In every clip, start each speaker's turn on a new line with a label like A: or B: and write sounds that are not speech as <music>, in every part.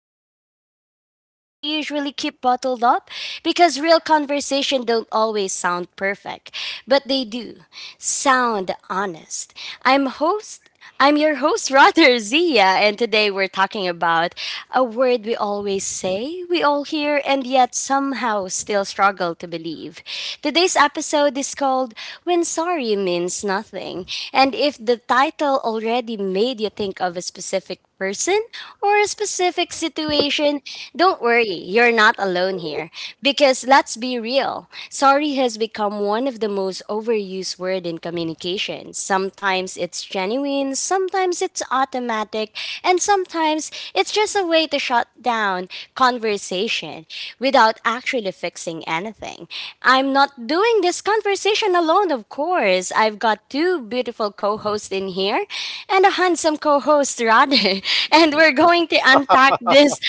A: we say things people usually keep bottled up because real conversation don't always sound perfect, but they do sound honest. I'm host I'm your host Roger <laughs> Zia and today we're talking about a word we always say, we all hear and yet somehow still struggle to believe. Today's episode is called When Sorry Means Nothing. And if the title already made you think of a specific person or a specific situation, don't worry, you're not alone here. Because let's be real, sorry has become one of the most overused word in communication. Sometimes it's genuine, sometimes it's automatic, and sometimes it's just a way to shut down conversation without actually fixing anything. I'm not doing this conversation alone, of course. I've got two beautiful co hosts in here and a handsome co host, Rade. <laughs> And we're going to unpack this,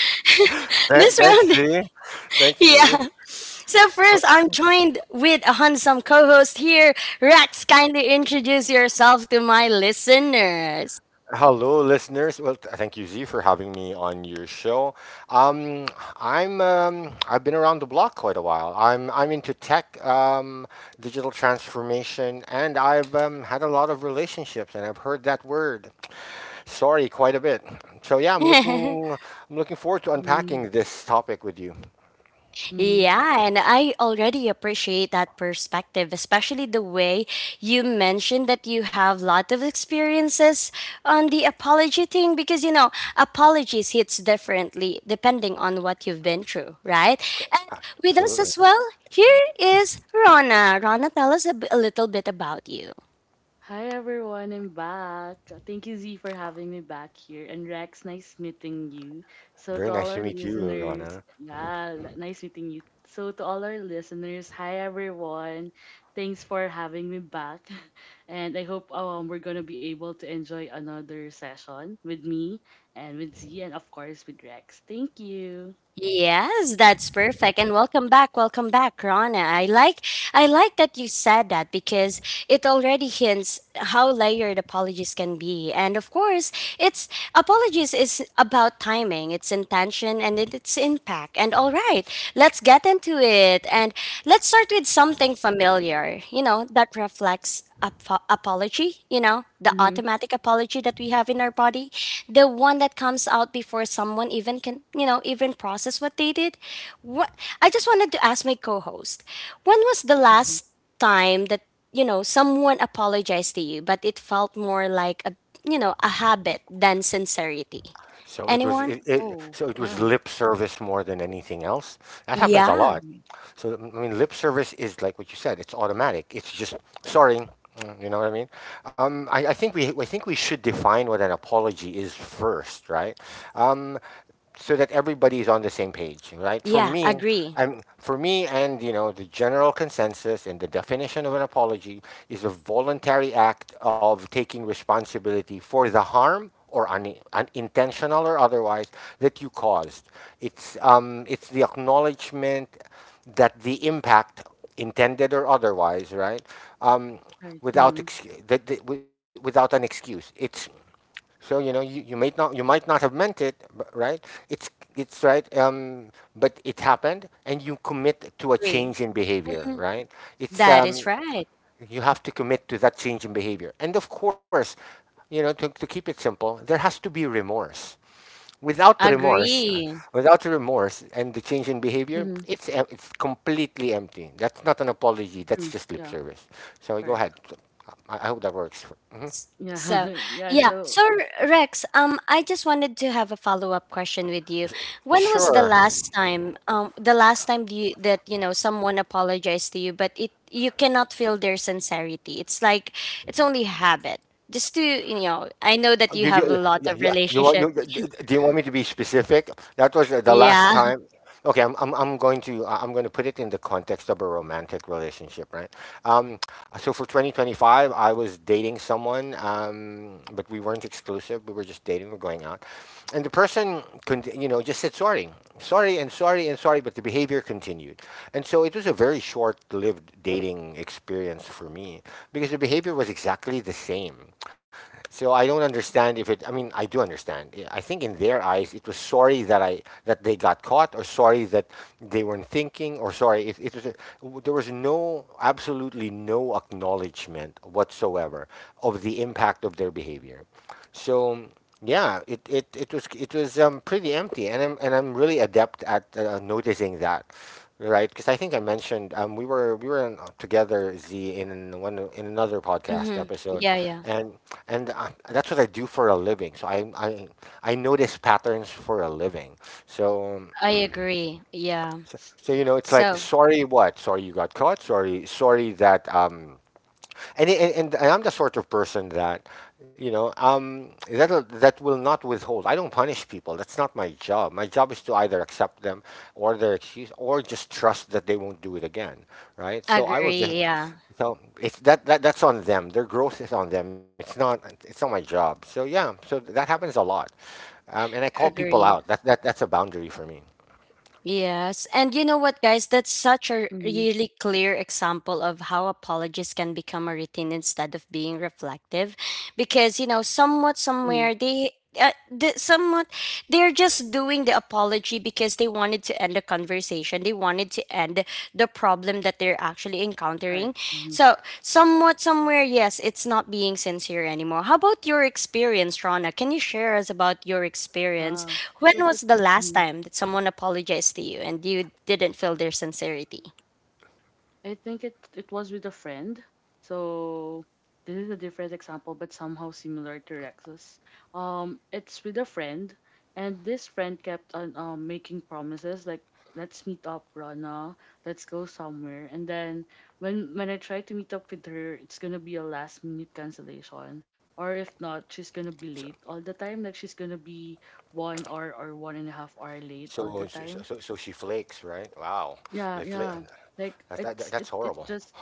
A: <laughs>
B: Th-
A: this
B: thanks,
A: round. <laughs>
B: Z. Thanks, Z.
A: Yeah. So, first, I'm joined with a handsome co host here. Rex, kindly introduce yourself to my listeners.
B: Hello, listeners. Well, thank you, Z, for having me on your show. Um, I've been around the block quite a while. I'm into tech, digital transformation, and I've had a lot of relationships, and I've heard that word, sorry, quite a bit. So yeah,
A: <laughs>
B: I'm looking forward to
C: Mm-hmm.
B: unpacking this topic with you.
C: Mm-hmm.
A: Yeah, and I already appreciate that perspective, especially the way you mentioned that you have a lot of experiences on the apology thing because you know, apologies hits differently depending on what you've been through, right? And with us
B: Absolutely.
A: as well, here is Rona. Rona, tell us a little bit about you.
C: Hi everyone, I'm back. Thank you, Z, for having me back here. And Rex, nice meeting you. So
B: Very
C: to all
B: nice to
C: our
B: meet you,
C: listeners,
B: Rana.
C: yeah, nice meeting you. So to all our listeners, hi everyone. Thanks for having me back. <laughs> And I hope we're gonna be able to enjoy another session with me and with Z and of course with Rex. Thank you.
A: Yes, that's perfect. And welcome back, Rana. I like that you said that because it already hints how layered apologies can be. And of course, it's apologies is about timing, it's intention and its impact. And all right, let's get into it. And let's start with something familiar, you know, that reflects apology, you know, the
C: Mm-hmm.
A: automatic apology that we have in our body, the one that comes out before someone even can, you know, even process what they did. What I just wanted to ask my co-host, when was the
C: Hmm.
A: last time that, you know, someone apologized to you but it felt more like a, you know, a habit than sincerity?
B: So it was
A: Anyone?
B: it, it
C: Oh,
B: so it was
C: yeah.
B: lip service more than anything else. That happens a
A: Yeah.
B: lot.
C: Mm.
B: So I mean, lip service is like what you said. It's automatic. It's just sorry. You know what I mean? I think we should define what an apology is first, right? Um, so that everybody is on the same page, right? For
A: Yeah,
B: me,
A: agree.
B: and you know, the general consensus and the definition of an apology is a voluntary act of taking responsibility for the harm or unintentional or otherwise that you caused. It's the acknowledgement that the impact, intended or otherwise, right, um,
C: Hi.
B: without
C: Mm-hmm.
B: ex- that, that, without an excuse, it's so you know you, you might not have meant it, b- right? It's it's right, but it happened, and you commit to a
A: Agree.
B: change in behavior,
A: Mhm.
B: right? It's
A: That is right.
B: You have to commit to that change in behavior. And of course, you know, to keep it simple, there has to be remorse. Without remorse,
A: Agree.
B: Without remorse and the change in behavior,
C: Mm-hmm.
B: it's completely empty. That's not an apology. That's just lip
C: Yeah,
B: service. So go
C: correct.
B: ahead. I hope that works. Mhm.
A: S-
C: Yeah,
A: So,
C: <laughs> yeah.
A: yeah.
C: So,
A: Rex, I just wanted to have a follow-up question with you. When was the
B: Sure.
A: last time, you know, someone apologized to you, but it you cannot feel their sincerity. It's like it's only habit. Just to, you know, I know that you have a lot
B: Yeah,
A: of
B: yeah. You want
A: relationship.
B: you? Do you want me to be specific? That was the last
A: Yeah. <laughs>
B: time. Okay, I'm going to put it in the context of a romantic relationship, right? Um, so for 2025, I was dating someone, but we weren't exclusive. We were just dating. We're going out, and the person, you know, just said sorry, sorry, and sorry, and sorry, but the behavior continued, and so it was a very short-lived dating experience for me because the behavior was exactly the same, so I don't understand if it. I mean, I do understand. I think in their eyes, it was sorry that I that they got caught, or sorry that they weren't thinking, or sorry. It was a, w- There was no absolutely no acknowledgement whatsoever of the impact of their behavior. So yeah, it was pretty empty, and I'm really adept at noticing that, right? Because I think I mentioned we were in, together Z in one in another podcast
A: Mm-hmm.
B: episode,
A: Yeah, yeah.
B: and and that's what I do for a living. So I notice patterns for a living. So.
A: I
B: um,
A: agree. Yeah.
B: so you know, it's
A: So,
B: like sorry what? Sorry you got caught. Sorry that. And I'm the sort of person that you know that will not withhold. I don't punish people. That's not my job. My job is to either accept them or their excuse, or just trust that they won't do it again. Right. So I will just.
A: agree. Yeah.
B: So it's that, that that's on them. Their growth is on them. It's not my job. So yeah. So that happens a lot, and I call people out.
A: Agree.
B: That's a boundary for me.
A: Yes. And you know what, guys? That's such a
C: mm-hmm,
A: really clear example of how apologies can become a routine instead of being reflective. Because, you know, somewhat,
C: mm,
A: somewhere, they. Somewhat they're just doing the apology because they wanted to end the conversation, they wanted to end the problem that they're actually encountering.
C: right. Mm-hmm.
A: So somewhat somewhere, yes, it's not being sincere anymore. How about your experience, Rana? Can you share us about your experience?
C: Wow. I
A: When
C: think
A: was
C: it's—
A: the last
C: mhm.
A: time that someone apologized to you and you didn't feel their sincerity?
C: I think it was with a friend. So this is a different example, but somehow similar to Rex's. It's with a friend, and this friend kept on making promises like, "Let's meet up, Rana. Let's go somewhere." And then when I try to meet up with her, it's gonna be a last minute cancellation. Or if not, she's gonna
B: So
C: be late all the time. Like she's gonna be 1 hour or 1.5 hour late all
B: so
C: the
B: so,
C: time.
B: so, so she flakes. Right. Wow.
C: Yeah,
B: They flake.
C: yeah. Like
B: That,
C: it's
B: that, that's
C: it it's
B: horrible.
C: just—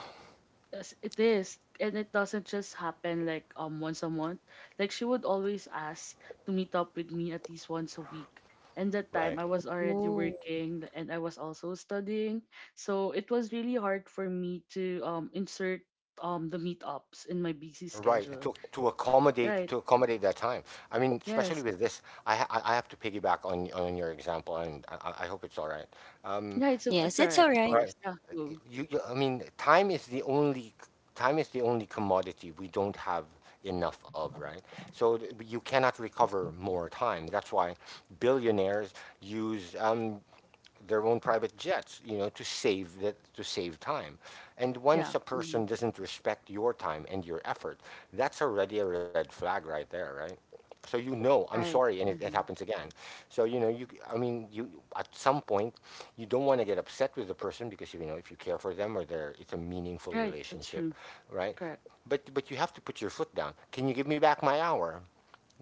C: yes, it is. And it doesn't just happen like once a month. Like she would always ask to meet up with me at least once a week. And that time
B: Right.
C: I was already
A: Ooh.
C: working and I was also studying. So it was really hard for me to insert the meetups in my busy
B: Right,
C: schedule. Right.
B: to accommodate that time. I mean, especially
C: Yes.
B: with this, I have to piggyback on your example, and I hope it's all right. Um,
C: Yeah, it's
A: Yes, it's
C: alright,
A: all
C: of
A: right.
B: right,
C: course. Yeah. Cool.
B: you I mean, time is the only commodity we don't have enough of, right? So you cannot recover more time. That's why billionaires use their own private jets, you know, to save time. And once a
C: Yeah.
B: person
C: Hmm.
B: doesn't respect your time and your effort, that's already a red flag right there, right? So you know, I'm
C: Right.
B: sorry, and it
C: Hmm.
B: happens again. So you know, you I mean, you at some point, you don't want to get upset with the person because you know if you care for them or they're it's a meaningful
C: Right. That's
B: relationship,
C: true.
B: right?
C: Correct.
B: But you have to put your foot down. Can you give me back my hour?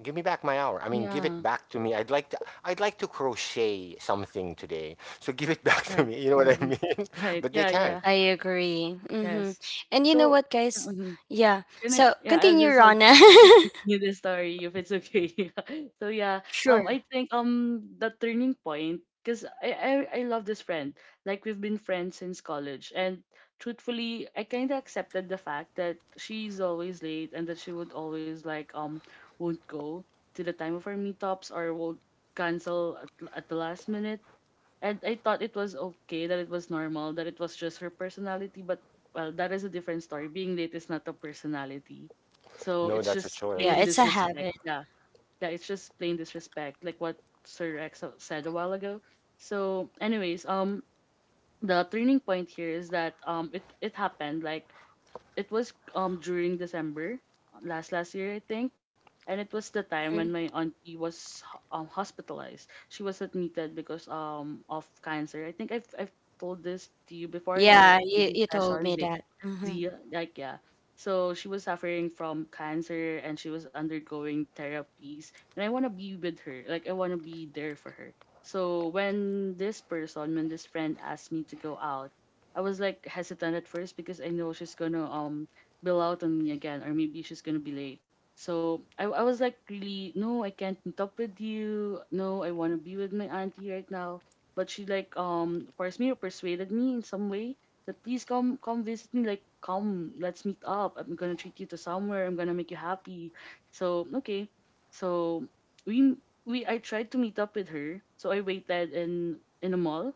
B: Give me back my hour. I mean, give it
C: Yeah.
B: back to me. I'd like to crochet something today. So give it <laughs> back to
C: Right.
B: me. You know what I
C: Mm-mm.
B: mean? <laughs>
C: Right.
B: But they
C: Yeah,
B: can't.
C: yeah.
A: I agree. Mm-hmm.
C: Yes.
A: And you know
C: So,
A: what, guys?
C: mhm.
A: Yeah.
C: Can I—
A: So
C: yeah, I
A: continue,
C: just want
A: Rana. <laughs>
C: to continue the story if it's okay. <laughs> So yeah,
A: Sure.
C: I think the turning point, cause I love this friend. Like we've been friends since college, and truthfully, I kind of accepted the fact that she's always late and that she would always like won't go to the time of our meetups or won't cancel at the last minute. And I thought it was okay, that it was normal, that it was just her personality, but well, that is a different story. Being late is not a personality. So
B: No,
C: it's
B: that's a
C: just plain
A: Yeah,
B: choice,
A: it's a
C: disrespect.
A: habit.
C: Yeah. Yeah, it's just plain disrespect, like what Sir Rex said a while ago. So, anyways, the turning point here is that it happened like it was during December last year, I think, and it was the time when
A: Mhm.
C: my auntie was hospitalized. She was admitted because of cancer. I think I've told this to you before in
A: Yeah,
C: our
A: you,
C: previous
A: you told me
C: sessions.
A: that. Mm-hmm.
C: Zia, like, yeah. So she was suffering from cancer and she was undergoing therapies. And I wanna be with her. Like I wanna be there for her. So when this person, when this friend asked me to go out, I was like hesitant at first because I know she's gonna bail out on me again or maybe she's gonna be late. So I was like, really, no, I can't meet up with you. No, I wanna be with my auntie right now. But she like forced me or persuaded me in some way that, please, come visit me, like, come, let's meet up. I'm gonna treat you to somewhere, I'm gonna make you happy. So, okay. So we we I tried to meet up with her. So I waited in a mall.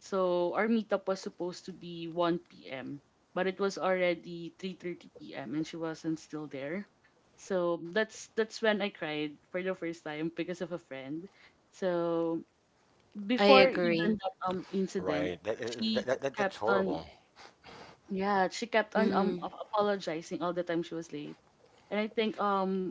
C: So our meetup was supposed to be 1 p.m, but it was already 3:30 p.m and she wasn't still there. So that's when I cried for the first time because of a friend. So
A: I
C: before even
A: agree.
C: that incident,
B: right? That, uh,
C: she
B: that, that, that
C: kept
B: that's
C: on—
B: horrible,
C: yeah, she kept on
A: Mm-hmm.
C: apologizing all the time she was late. And I think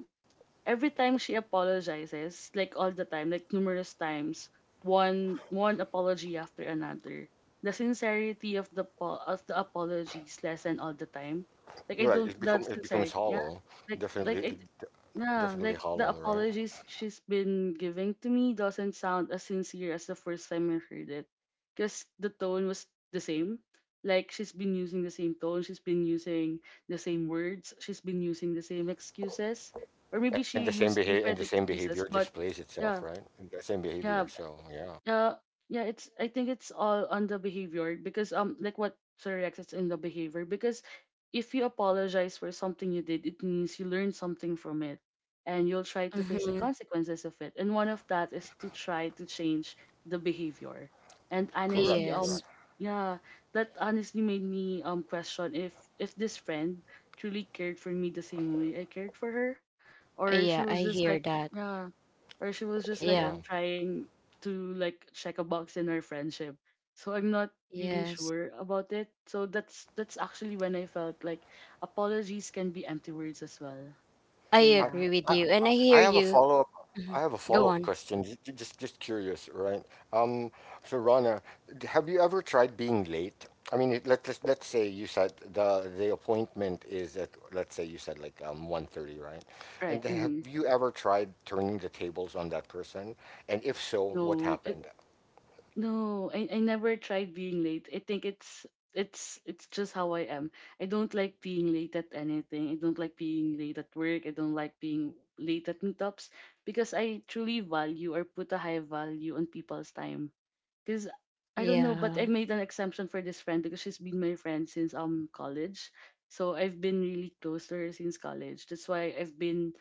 C: every time she apologizes, like all the time, like numerous times, one apology after another. The sincerity of the of the apologies lessen all the time. Like I don't—
B: right?
C: that
B: It
C: sincerity,
B: becomes
C: yeah.
B: hollow.
C: Like I—
B: Definitely,
C: yeah, like
B: definitely
C: the
B: hollow, right?
C: apologies she's been giving to me doesn't sound as sincere as the first time I heard it. Because the tone was the same. Like she's been using the same tone, she's been using the same words, she's been using the same excuses. Or maybe she used
B: And
C: different
B: the same
C: excuses,
B: behavior
C: but
B: displays itself,
C: yeah,
B: right? And the same
C: yeah.
B: behavior. So yeah,
C: Uh, yeah, it's I think it's all on the behavior because like what Sir Rex— it's in the behavior because if you apologize for something you did, it means you learned something from it and you'll try to face the
A: Mm-hmm.
C: consequences of it. And one of that is to try to change the behavior. And honestly,
B: correct,
A: Yes.
B: correct.
C: yeah, that honestly made me question if this friend truly cared for me the same way I cared for her, or she
A: Yeah,
C: was
A: I
C: just
A: hear
C: like—
A: that.
C: yeah, or she was just
B: So
C: like
A: Yeah.
B: yeah.
C: trying to like check a box in our friendship. So I'm not really
A: Yes.
C: sure about it. So that's actually when I felt like apologies can be empty words as well.
A: I
C: So
B: I,
C: yeah.
A: agree with
B: I,
A: you, and
B: I
A: I
B: I
A: hear
B: have a
A: you.
B: follow-up.
A: Mhm.
B: I have a
A: Go
B: follow-up
A: on.
B: question. Just curious, right? Um, so Rana, have you ever tried being late? I mean, let's say you said the appointment is at, let's say you said, like 1:30, right?
C: Right.
B: And then
C: Mm-hmm.
B: have you ever tried turning the tables on that person? And if so, what
C: No.
B: happened?
C: No, I never tried being late. I think it's just how I am. I don't like being late at anything. I don't like being late at work. I don't like being late at meetups because I truly value or put a high value on people's time. Because I don't know, but I
A: Yeah.
C: made an exemption for this friend because she's been my friend since college. So I've been really close to her since college. That's why I've been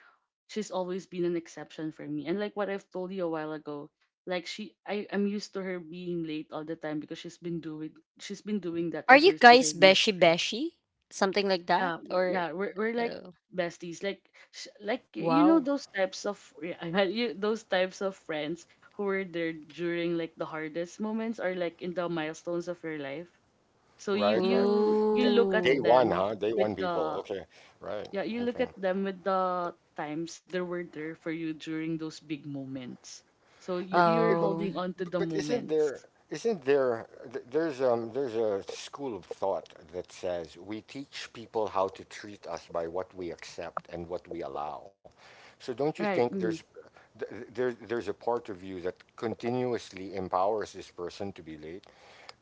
C: she's always been an exception for me. And like what I've told you a while ago, like I'm used to her being late all the time because she's been doing that
A: Are you
C: ever since
A: guys
C: I met
A: beshi
C: her.
A: beshi? Something like that?
C: Yeah, we're-
A: Or
C: yeah, we're we're like
A: uh,
C: besties. Like like, you know,
A: wow.
C: those types of— yeah, <laughs> you, those types of friends who were there during like the hardest moments or like in the milestones of your life. So
B: Right,
C: you
B: right.
C: you
B: D-
C: you look at
B: Day
A: Ooh.
B: one,
C: them
B: huh? Day
C: with
B: one people.
C: the—
B: Okay, right.
C: yeah, you look
B: Okay.
C: at them with the times they were there for you during those big moments. So
B: But but
C: you're
B: but,
A: Oh.
C: holding on to the
B: but
C: moments,
B: isn't there there's a school of thought that says we teach people how to treat us by what we accept and what we allow. So don't you
C: right?
B: think there's
C: Mm.
B: th- th- there, there's a part of you that continuously empowers this person to be late,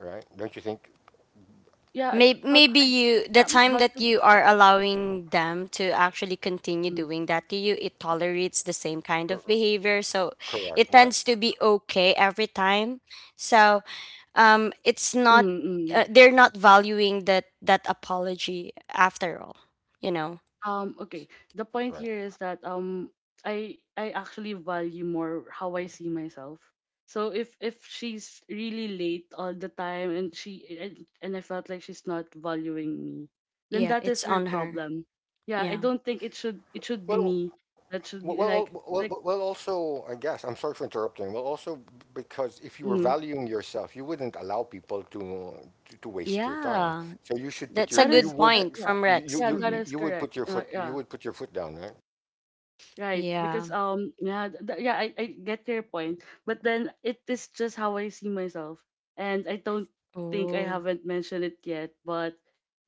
B: right? Don't you think?
C: Yeah, I—
A: Maybe
C: but
A: maybe
C: I—
A: you, the
C: yeah,
A: time
C: but
A: that
C: I—
A: you are allowing them to actually continue
C: mm,
A: doing that to you, it tolerates the same kind of behavior. So it
B: Correct, right,
A: tends to be okay every time. So it's not
C: mm, mm.
A: they're not valuing that that apology after all, you know.
C: Okay. The point here
B: right.
C: is that I actually value more how I see myself. So if she's really late all the time and and I felt like she's not valuing me, then
A: Yeah,
C: that is
A: it's
C: her
A: on her.
C: problem. Yeah, I
A: Yeah.
C: don't think it should be me
B: Well,
C: that should
B: Well,
C: be
B: well,
C: like
B: well, well,
C: like
B: well, well, also, I guess, I'm sorry for interrupting. Well, also, because if you were
C: mm,
B: valuing yourself, you wouldn't allow people to waste your time.
A: Yeah,
B: So
A: that's a
C: that is—
A: good point
C: yeah.
A: from Rex.
C: Yeah, that
A: Hmm.
C: is correct. Yeah.
B: you would put your foot down, right?
C: Right, because
A: Yeah.
C: yeah, yeah, I get your point, but then it is just how I see myself, and I don't think— I
A: Oh,
C: haven't mentioned it yet, but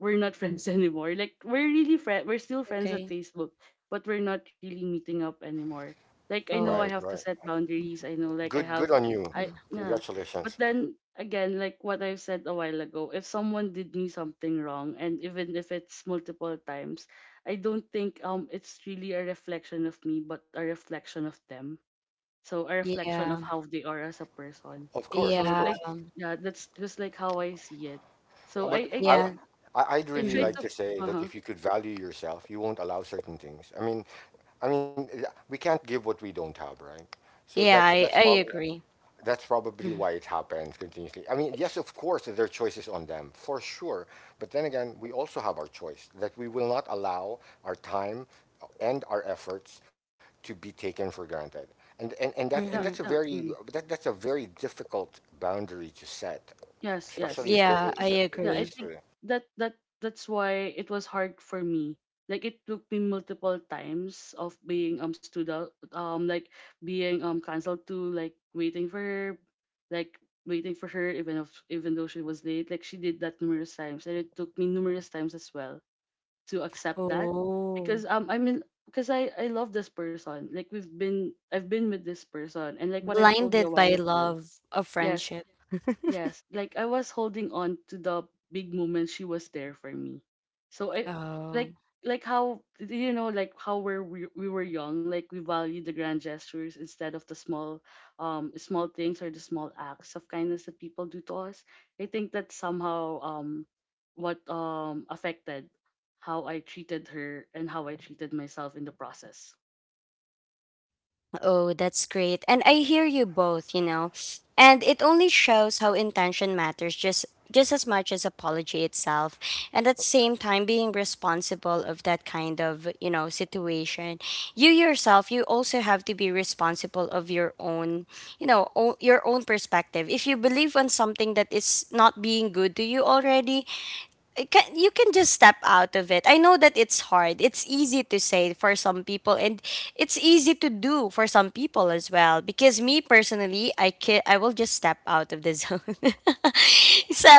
C: we're not friends <laughs> anymore. Like we're still friends at
A: okay.
C: Facebook, but we're not really meeting up anymore. Like I
B: Right,
C: know I
A: Oh.
B: right.
C: have to set boundaries. I know, like,
B: Good
C: I
B: good
C: have—
B: on you.
C: I—
A: Yeah,
C: yeah, but
B: Congratulations.
C: then again, like what I've said a while ago, if someone did me something wrong, and even if it's multiple times, I don't think it's really a reflection of me, but a reflection of them. So a reflection of
A: yeah,
C: how they are as a person.
B: Of course, of
C: So,
A: yeah.
B: course.
C: like, yeah, that's just like how I see it.
B: Uh,
C: So I
B: But
C: I
B: I
A: Yeah.
B: I'd
C: I
B: really
C: try
A: Hmm.
B: like
C: to—
B: to say
C: uh
B: that
C: huh.
B: if you could value yourself, you won't allow certain things. I mean, we can't give what we don't have, right? So
A: Yeah, i i agree.
B: That's probably
A: Hmm.
B: why it happens continuously. I mean, yes, of course, there are choices on them, for sure. But then again, we also have our choice that we will not allow our time and our efforts to be taken for granted. And that's
C: Yeah,
A: Hmm.
C: yeah. Mm-hmm.
B: that's a very difficult boundary to set,
C: Yes, yes.
B: especially if
A: Yeah, I
C: It, yeah,
B: there's
A: agree.
C: I think
B: history.
C: that that that's why it was hard for me. Like it took me multiple times of being stood out, like being canceled to like waiting for her, like waiting for her even if even though she was late. Like she did that numerous times, and it took me numerous times as well to accept that
A: Oh.
C: because I mean, because I love this person. Like we've been I've been with this person, and like what I've told you
A: Blinded
C: a while
A: by
C: ago.
A: love of
C: Yes.
A: friendship. <laughs>
C: Yes, like I was holding on to the big moment she was there for me. So I—
A: Oh.
C: like like how do you know, like how we were young, like we value the grand gestures instead of the small small things or the small acts of kindness that people do to us. I think that somehow what affected how I treated her and how I treated myself in the process.
A: Oh, that's great. And I hear you both, you know. And it only shows how intention matters just as much as apology itself. And at the same time being responsible of that kind of, you know, situation. You yourself, you also have to be responsible of your own, you know, your own perspective. If you believe on something that is not being good to you already, it can you can just step out of it. I know that it's hard. It's easy to say for some people and it's easy to do for some people as well, because me personally, I will just step out of the zone. <laughs> So,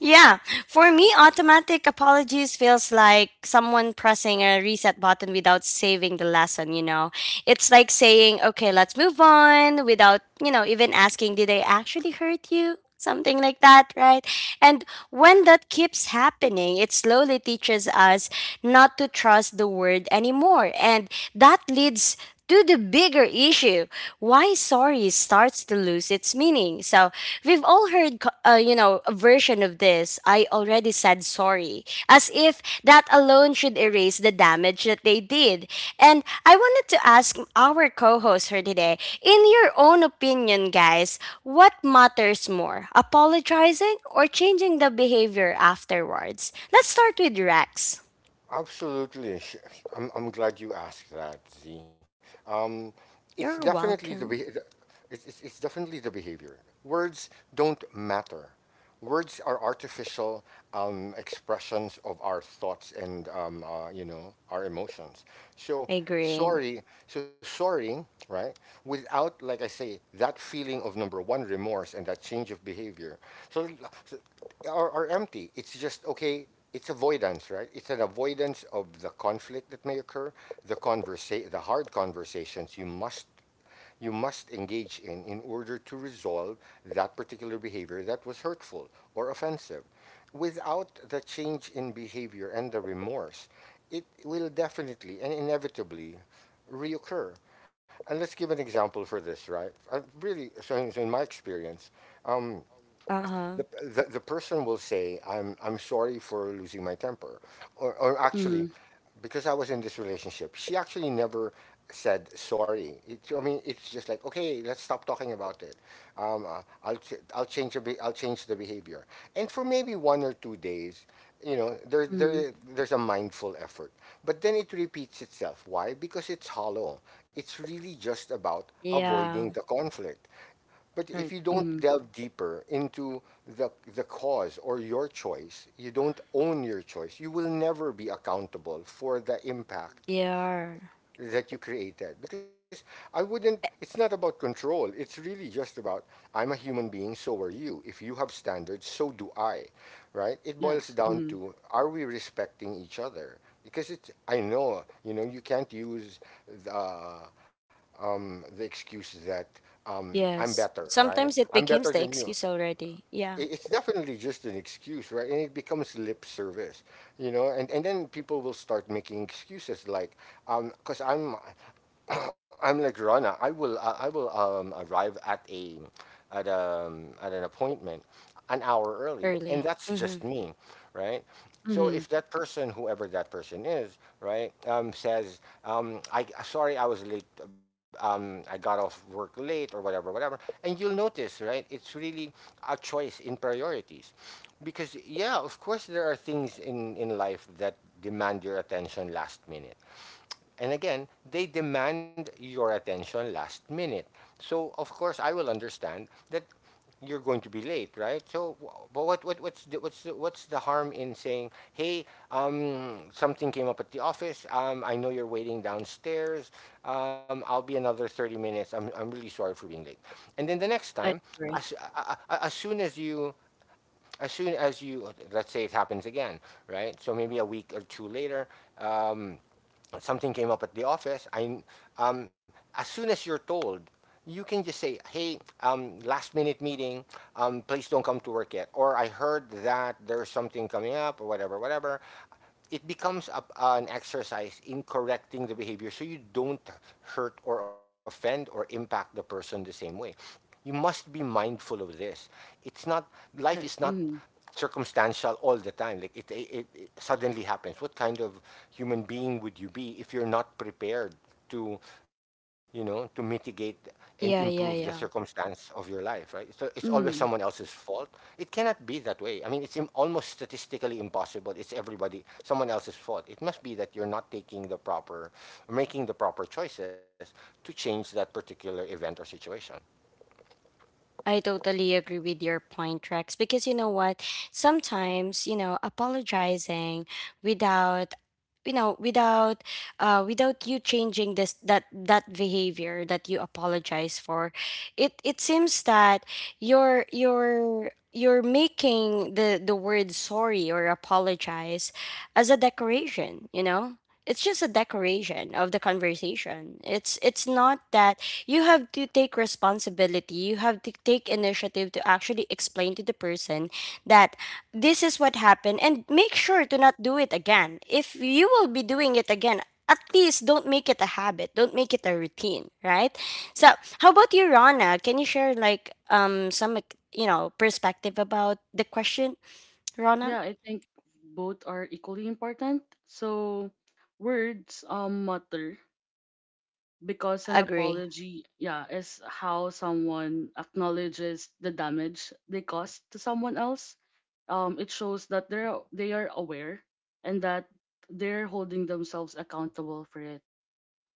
A: yeah, for me automatic apologies feels like someone pressing a reset button without saving the lesson, you know. It's like saying, "Okay, let's move on" without, you know, even asking, "Did I actually hurt you?", something like that, right? And when that keeps happening, it slowly teaches us not to trust the word anymore. And that leads to the bigger issue why sorry starts to lose its meaning. So we've all heard you know, a version of this: I already said sorry, as if that alone should erase the damage that they did. And I wanted to ask our co host for today, in your own opinion, guys, what matters more, apologizing or changing the behavior afterwards? Let's start with Rex.
B: Absolutely. I'm glad you asked that, Z. Um, it's
A: You're
B: definitely the be- the-
A: welcome.
B: It's definitely the behavior. Words don't matter. Words are artificial expressions of our thoughts and you know our emotions. So
A: I agree.
B: so sorry, right? Without, like I say, that feeling of number one remorse and that change of behavior. So, so, are empty. It's just, okay, it's avoidance, right? It's an avoidance of the conflict that may occur, the hard conversations you must engage in order to resolve that particular behavior that was hurtful or offensive. Without the change in behavior and the remorse, it will definitely and inevitably reoccur. And let's give an example for this, right? I really, so in, So in my experience,
A: Uh huh.
B: the person will say, I'm sorry for losing my temper. Or actually,
C: Mm,
B: because I was in this relationship, she actually never said sorry. I mean, it's just like, okay, let's stop talking about it. I'll change the behavior. And for maybe 1 or 2 days, you know,
C: mm.
B: there's a mindful effort. But then it repeats itself. Why? Because it's hollow. It's really just about
A: Yeah.
B: avoiding the conflict. But
C: Right.
B: if you don't
C: Mm.
B: delve deeper into the cause or your choice, you don't own your choice, you will never be accountable for the impact
A: Yeah.
B: that you created, because I wouldn't it's not about control. It's really just about, I'm a human being, so are you. If you have standards, so do I. Right, it boils
C: Yes.
B: down
C: Mm,
B: to, are we respecting each other? Because it's, I know, you know, you can't use the the excuse that I'm
A: Yes.
B: better, right?
A: Sometimes it
B: I'm better
A: becomes the
B: than you.
A: excuse already. Yeah.
B: It's definitely just an excuse, right? And it becomes lip service, you know. And then people will start making excuses like because I'm like Rana. I will arrive at a at at an appointment an hour early,
A: Early.
B: and that's
A: Mm-hmm.
B: just me, right?
C: mm.
B: So if that person, whoever that person is, right, says, "I sorry, I was late. I got off work late, or whatever, whatever," and you'll notice, right, it's really a choice in priorities, because yeah, of course, there are things in life that demand your attention last minute, and again, they demand your attention last minute. So, of course, I will understand that you're going to be late, right? So, but what's the harm in saying, hey, something came up at the office. I know you're waiting downstairs. I'll be another 30 minutes. I'm really sorry for being late. And then the next
A: I
B: time,
A: agree.
B: as, a- as soon as you as soon as you, let's say, it happens again, right? So maybe a week or two later, um, something came up at the office, as soon as you're told, you can just say, hey, last minute meeting, please don't come to work yet. Or I heard that there's something coming up, or whatever, whatever. It becomes a, an exercise in correcting the behavior so you don't hurt or offend or impact the person the same way. You must be mindful of this. It's not, life is
C: Right.
B: not
C: Mm,
B: circumstantial all the time. Like it suddenly happens. What kind of human being would you be if you're not prepared to, you know, to mitigate and improve the
A: Yeah, yeah, yeah.
B: circumstance of your life, right? So it's always someone
C: mm.
B: else's fault. It cannot be that way. I mean, it's almost statistically impossible. It's everybody, someone else's fault. It must be that you're not taking the proper, making the proper choices to change that particular event or situation.
A: I totally agree with your point, Rex, because you know what? Sometimes, you know, apologizing without, without without you changing this that that behavior that you apologize for, it seems that you're making the word sorry or apologize as a decoration, you know. It's just a decoration of the conversation. It's not that, you have to take responsibility, you have to take initiative to actually explain to the person that this is what happened and make sure to not do it again. If you will be doing it again, at least don't make it a habit, don't make it a routine, right? So how about you, Rana? Can you share like some, like, you know, perspective about the question, Rana?
C: Yeah, I think both are equally important. So words matter because an
A: Agree.
C: apology, yeah, is how someone acknowledges the damage they caused to someone else. It shows that they are aware and that they're holding themselves accountable for it.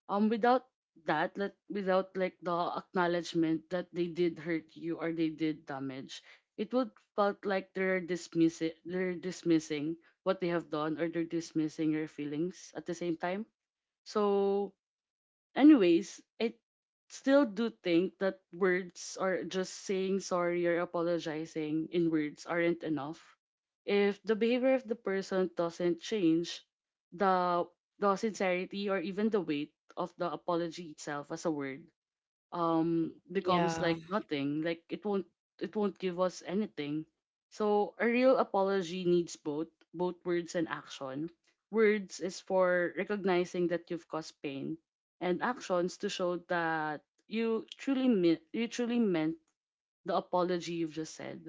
C: Without that, like without like the acknowledgement that they did hurt you or they did damage, it would felt like they're dismissing what they have done, or they're dismissing your feelings at the same time. So anyways, I still do think that words, or just saying sorry or apologizing in words, aren't enough. If the behavior of the person doesn't change, the the sincerity or even the weight of the apology itself as a word becomes
A: Yeah,
C: like nothing, like it won't give us anything. So a real apology needs both, both words and action. Words is for recognizing that you've caused pain, and actions to show that you truly meant the apology you've just said.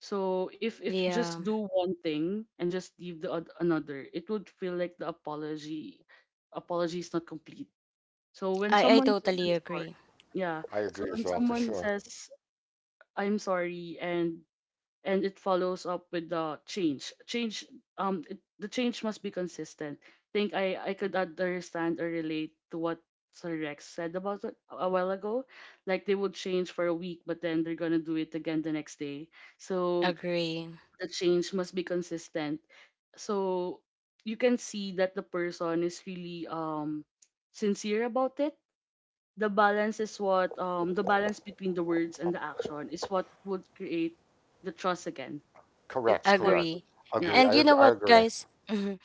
C: So if you
A: yeah,
C: just do one thing and just leave the oth- another, it would feel like the apology is not complete. So when
A: I
C: someone says
A: totally
C: I'm sorry,
A: agree.
B: I
C: yeah.
B: agree as
C: So
B: well,
C: when
B: for sure.
C: someone says I'm sorry, and it follows up with the change. Change, it, the change must be consistent. Think I could understand or relate to what Sir Rex said about it a while ago. Like they would change for a week, but then they're going to do it again the next day. So
A: Agree.
C: the change must be consistent. So you can see that the person is really sincere about it. The balance is what, the balance between the words and the action is what would create the trust again. It's
B: Correct,
C: what.
B: correct.
A: Agree.
C: Yeah,
B: Agree.
A: And you know
B: I
A: what,
B: agree.
A: guys? Mhm.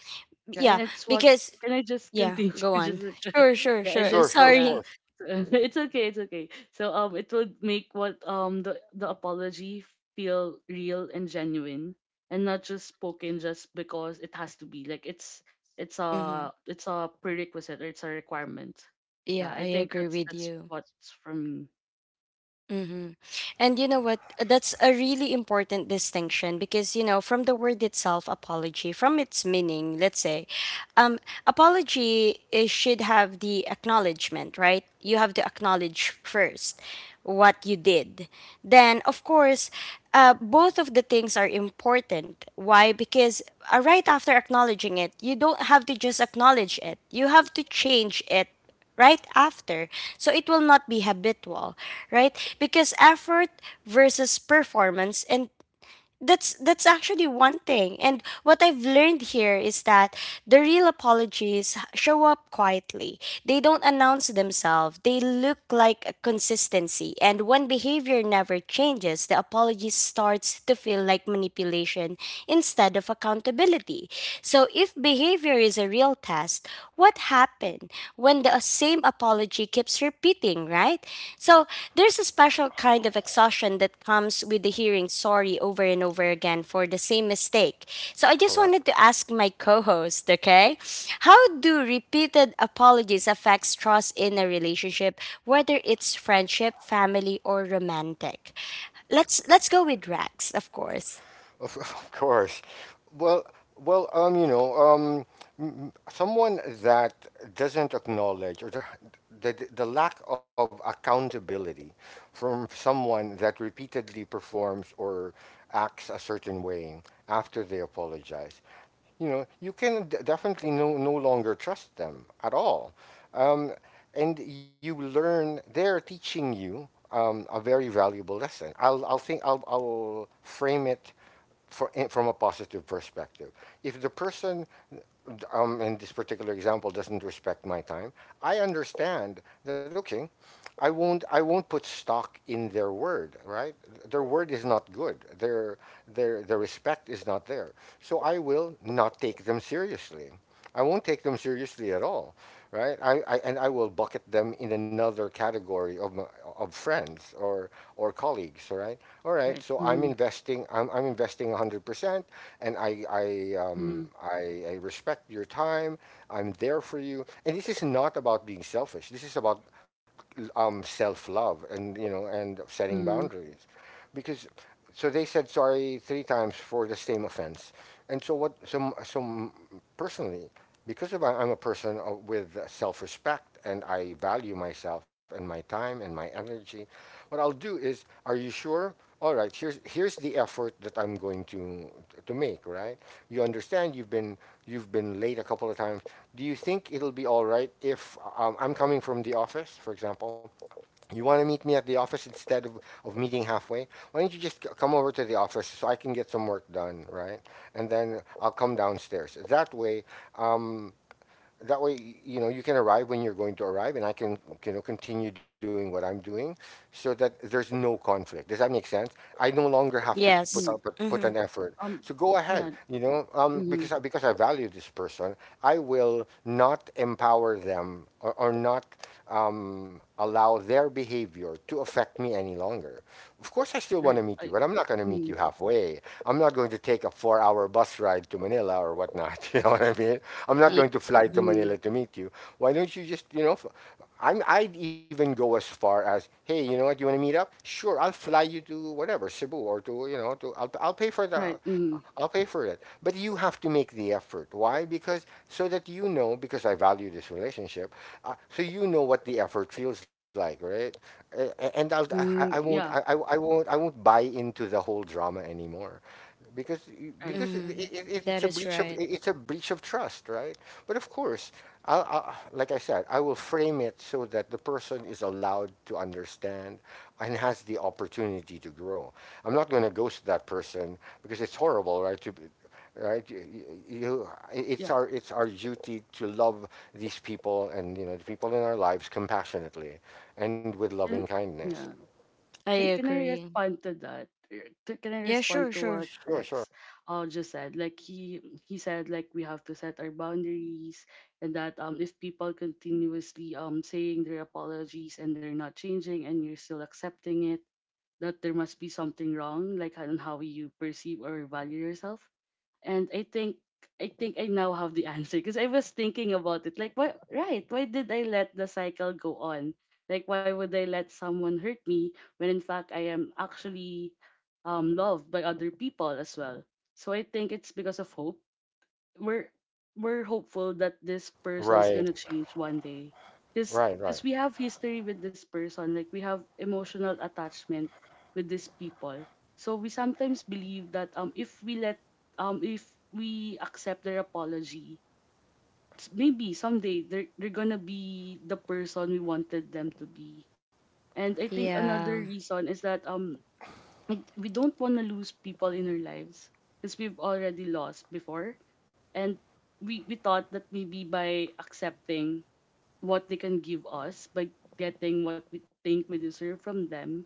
C: yeah,
A: Yeah,
C: and it's what,
A: because
C: can I just
A: yeah,
C: continue
A: go
C: <laughs>
A: on.
C: just <laughs>
A: Sure, sure,
C: yeah and
A: sure.
C: just
B: Sure, sure, of
C: yeah
A: Sorry.
B: course.
C: <laughs> it's okay, it's okay. So it would make what, the apology feel real and genuine, and not just spoken just because it has to be, like it's it's
A: Hmm.
C: a it's a prerequisite, or it's a requirement. Yeah,
A: Yeah,
C: I
A: I
C: think
A: agree
C: that's
A: with
C: that's
A: you.
C: what's for me.
A: Mm-hmm. And you know what? That's a really important distinction because, you know, from the word itself, apology, from its meaning, let's say, um, apology is, should have the acknowledgement, right? You have to acknowledge first what you did. Then, of course, both of the things are important. Why? Because right after acknowledging it, you don't have to just acknowledge it, you have to change it right after, so it will not be habitual, right? Because effort versus performance. And that's actually one thing. And what I've learned here is that the real apologies show up quietly. They don't announce themselves. They look like a consistency. And when behavior never changes, the apology starts to feel like manipulation instead of accountability. So if behavior is a real test, what happened when the same apology keeps repeating, right? So there's a special kind of exhaustion that comes with the hearing sorry over and over again for the same mistake. So I just
B: Correct.
A: wanted to ask my co-host, okay? How do repeated apologies affect trust in a relationship, whether it's friendship, family, or romantic? Let's go with Rex, of course.
B: Of, <laughs> of course. Well, well, you know, someone that doesn't acknowledge, or the lack of accountability from someone that repeatedly performs or acts a certain way after they apologize, you know, you can definitely no longer trust them at all. Um, and you learn they're teaching you a very valuable lesson. I'll frame it from a positive perspective. If the person, in this particular example, doesn't respect my time, I understand that. Okay, I won't put stock in their word, right? Their word is not good. Their respect is not there, so I will not take them seriously. I won't take them seriously at all, right? I and I will bucket them in another category of my, of friends or colleagues, right? All right,
C: Right.
B: so
C: Mm.
B: I'm investing 100%, and
C: Mm.
B: I respect your time. I'm there for you, and this is not about being selfish. This is about self love, and you know, and setting
C: Mm.
B: boundaries, because so they said sorry three times for the same offense. And so what? Personally, because of, I'm a person with self respect, and I value myself and my time and my energy, what I'll do is, are you sure? All right, here's the effort that I'm going to make, right? You understand you've been late a couple of times. Do you think it'll be all right if, I'm coming from the office, for example, you want to meet me at the office instead of meeting halfway? Why don't you just come over to the office so I can get some work done, right? And then I'll come downstairs. Um, that way, you know, you can arrive when you're going to arrive, and I can, you know, continue doing what I'm doing so that there's no conflict. Does that make sense? I no longer have to
C: Yeah.
B: put
A: Yes.
C: Mm.
B: out put put
A: Mm-hmm.
B: an effort.
C: Um.
B: So go ahead,
C: Yeah.
B: you know,
C: Mm.
B: because I, because I value this person, I will not empower them, or not, allow their behavior to affect me any longer. Of course, I still want to
C: Right.
B: meet you,
C: I.
B: but I'm not going to meet you
C: Mm.
B: halfway. I'm not going to take a 4 hour bus ride to Manila or whatnot. <laughs> You know what I mean? I'm not
C: Yeah.
A: Ye-
B: going
C: I-
B: to fly to
C: Mm.
B: Manila to meet you. Why don't you just, you know, I'd even go as far as, hey, you know what, you want to meet up? Sure, I'll fly you to whatever, Cebu or to, you know, to, I'll pay for the,
C: Right. Mm.
B: I'll pay for it. But you have to make the effort. Why? Because, so that you know, because I value this relationship, so you know what the effort feels like, right? Uh, and I
C: Mm.
B: won't,
C: Yeah.
B: I won't, I won't buy into the whole drama anymore, because
C: Right.
B: because
A: Mm-hmm. That
B: it's a
A: is
B: breach of
A: right.
B: it's a breach of trust, right? But of course, I, like I said, I will frame it so that the person is allowed to understand and has the opportunity to grow. I'm not going to ghost that person because it's horrible, right?
C: Yeah.
B: It's our duty to love these people, and you know, the people in our lives, compassionately and with loving
C: Can,
B: kindness.
C: yeah.
A: I
C: Can I
A: agree.
C: respond to that? To- Can I
A: Yeah,
C: respond
A: sure,
C: to what
A: sure.
B: Sure, sure.
C: Rex just said? Like he said like we have to set our boundaries, and that if people continuously saying their apologies and they're not changing and you're still accepting it, that there must be something wrong, like on how you perceive or value yourself. And I think I think I now have the <laughs> answer, because I was thinking about it. Like why, right, why did I let the cycle go on? Like why would I let someone hurt me when in fact I am actually loved by other people as well? So I think it's because of hope. We're we're hopeful that this person's
B: Right,
C: gonna change one day,
B: right, right.
C: because we have history with this person, like we have emotional attachment with these people. So we sometimes believe that if we let, if we accept their apology, s- maybe someday they're gonna be the person we wanted them to be. And I think another
A: Yeah,
C: reason is that I, we don't want to lose people in our lives, because we've already lost before. And we thought that maybe by accepting what they can give us, by getting what we think we deserve from them,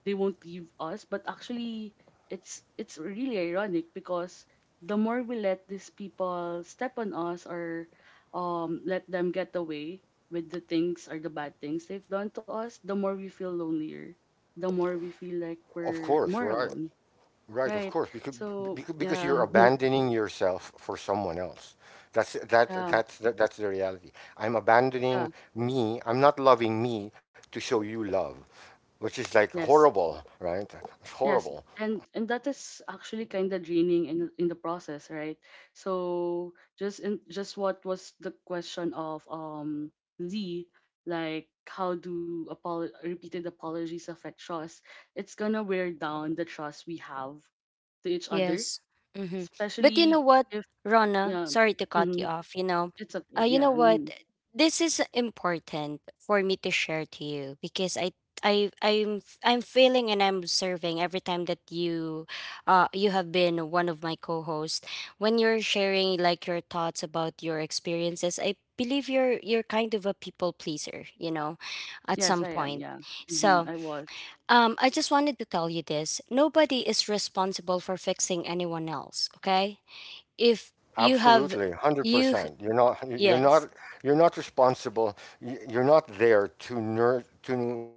C: they won't leave us. But actually, it's really ironic, because the more we let these people step on us, or let them get away with the things, or the bad things they've done to us, the more we feel lonelier. The more we feel like
B: Of
C: we're
B: course,
C: more
B: right,
C: alone,
B: right. Of
C: right?
B: course, because,
C: So
B: because you're
C: yeah, <laughs>
B: abandoning yourself for someone else.
C: yeah,
B: That's the reality. I'm
C: yeah,
B: abandoning me. I'm not loving me to show you love, which is like
C: yes,
B: horrible, right? It's
C: yes,
B: horrible.
C: and that is actually kind of draining in the process, right? So just in just what was the question of Z, like how do apol repeated apologies affect trust? It's gonna wear down the trust we have to each other,
A: yes. Mm-hmm. But you know
C: especially
A: what,
C: if
A: Rona,
C: yeah,
A: sorry to cut you
C: mm-hmm,
A: off.
C: it's a
A: You know
C: yeah,
A: what?
C: mm,
A: This is important for me to share to you because I'm feeling and I'm observing every time that you, you have been one of my co-hosts. When you're sharing like your thoughts about your experiences, I believe you're kind of a people pleaser. You know, at
C: yes, I
A: some
C: am,
A: point.
C: yeah, mm-hmm,
A: So
C: I was
A: I just wanted to tell you this. Nobody is responsible for fixing anyone else, okay? If you have
B: Absolutely,
A: you
B: 100%. You're
A: yes.
B: not you're not responsible. You're not there to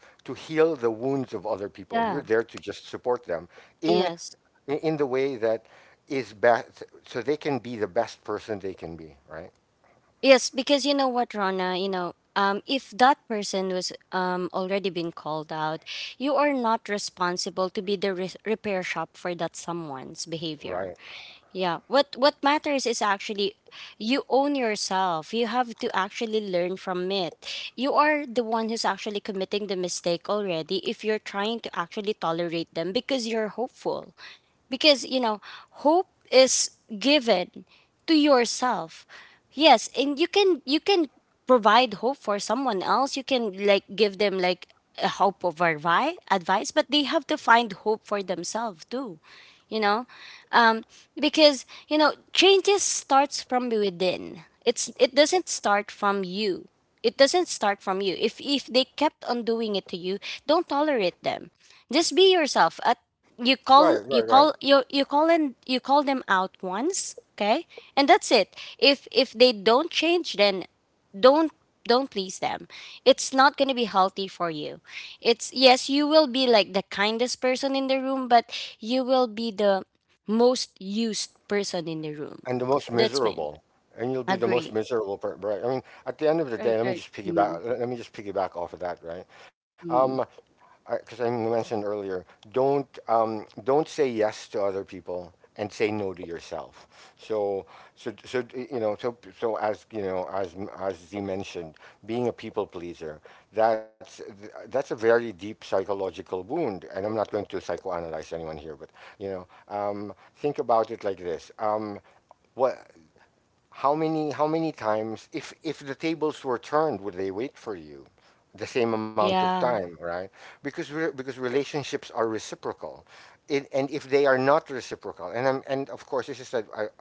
B: to heal the wounds of other people. You're
A: Yeah.
B: there to just support them in
A: Yes.
B: the way that is best so they can be the best person they can be, right?
A: Yes, because you know what, Rana, you know, if that person was already been called out, you are not responsible to be the repair shop for that someone's behavior.
B: Right.
A: Yeah. What matters is actually you own yourself. You have to actually learn from it. You are the one who's actually committing the mistake already if you're trying to actually tolerate them because you're hopeful because hope is given to yourself. Yes, and you can provide hope for someone else. You can like give them like a advice, but they have to find hope for themselves too. you know um because changes starts from within. It doesn't start from you. It doesn't start from you. If they kept on doing it to you, don't tolerate them. Just be yourself at you call
B: Right,
A: you
B: right,
A: call
B: right.
A: you you call and you call them out once okay and that's it if they don't change, then don't, please them. It's not going to be healthy for you. It's, yes, you will be like the kindest person in the room, but you will be the most used person in the room.
B: And the most
A: That's me.
B: miserable. And you'll be the most
A: Agree.
B: miserable per right. I mean, at the end of the
C: right,
B: day, let
C: right,
B: me just piggyback let me just piggyback off of that, right? Um,
C: mm-hmm,
B: because I mentioned earlier, don't, don't say yes to other people and say no to yourself. So you know, as you know, as Z mentioned, being a people pleaser, that's that's a very deep psychological wound, and I'm not going to psychoanalyze anyone here, but you know, think about it like this: what how many, how many times, if the tables were turned, would they wait for you the same amount of
A: Yeah.
B: time, right? Because, because relationships are reciprocal, it, and if they are not reciprocal, and I'm, and of course, this is a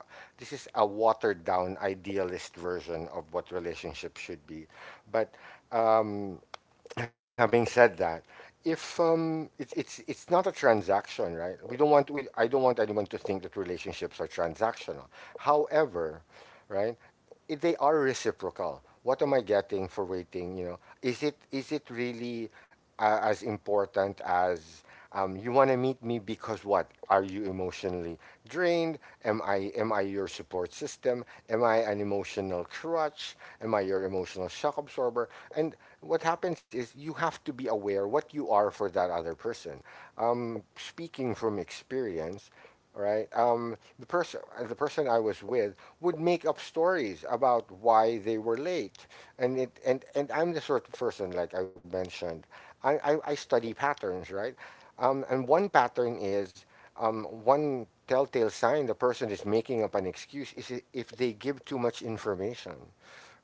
B: this is a watered down idealist version of what relationships should be, but um, having said that, if, it's not a transaction, right? We don't want, we, I don't want anyone to think that relationships are transactional. However, right? If they are reciprocal. What am I getting for waiting? You know, is it, is it really, as important as, you want to meet me because what? Are you emotionally drained? Am I, am I your support system? Am I an emotional crutch? Am I your emotional shock absorber? And what happens is you have to be aware what you are for that other person. Speaking from experience, all right. The person I was with would make up stories about why they were late, and it, and I'm the sort of person, like I mentioned, I study patterns, right? And one pattern is, one telltale sign the person is making up an excuse is, if they give too much information,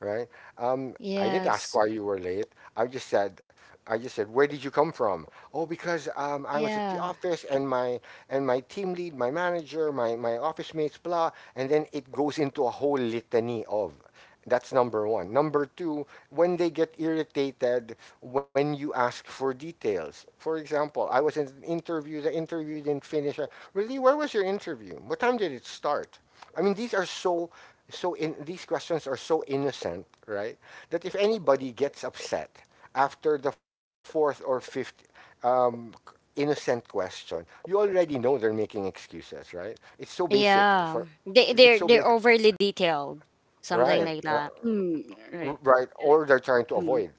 B: right? I didn't
A: Yes.
B: ask why you were late. I just said, I just said, where did you come from? Oh, because, I was at the
A: Yeah,
B: office, and my, and my team lead, my manager, my office mates, blah. And then it goes into a whole litany of. That's number one. Number two, when they get irritated when you ask for details. For example, I was in an interview, the interview didn't finish. I, really, where was your interview? What time did it start? I mean, these are so, so in these questions are so innocent, right? That if anybody gets upset after the fourth or fifth, um, innocent question, you already know they're making excuses, right?
A: yeah, they
B: It's so
A: they're they're
B: basic,
A: overly detailed, something
C: yeah,
B: right?
A: like that.
C: mm, right.
B: Right,
C: Like,
B: or they're trying to
C: mm-hmm.
B: avoid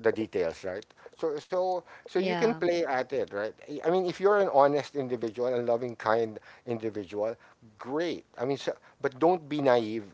B: the details, right? So you can
A: Yeah,
B: play at it, right? I mean, if you're an honest individual, and loving, kind individual, great. I mean, so, but don't be naive.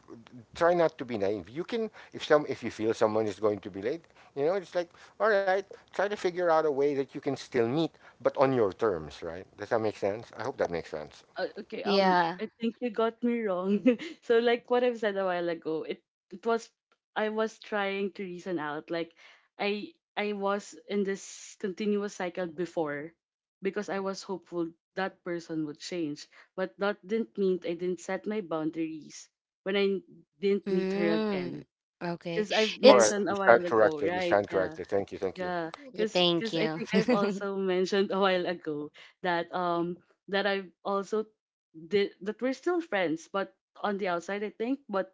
B: Try not to be naive. You can, if you feel someone is going to be late, it's like, all right, try to figure out a way that you can still meet, but on your terms, right? Does that make sense? I hope that makes sense.
C: Okay,
A: yeah.
C: I think you got me wrong. <laughs> So, like what I've said a while ago, it was I was trying to reason out. Like, I was in this continuous cycle before, because I was hopeful that person would change, but that didn't mean I didn't set my boundaries when I didn't meet her
A: Mm,
C: again.
A: okay.
C: Because I've
B: All right,
A: It's
C: mentioned
B: we
C: a while
B: stand
C: ago,
B: corrected. We
C: right?
B: stand
C: Yeah.
B: corrected. Thank you. Thank you.
C: Yeah,
A: thank
C: because I
A: you.
C: think I've
A: <laughs>
C: also mentioned a while ago that that I've also did that we're still friends, but on the outside, I think, but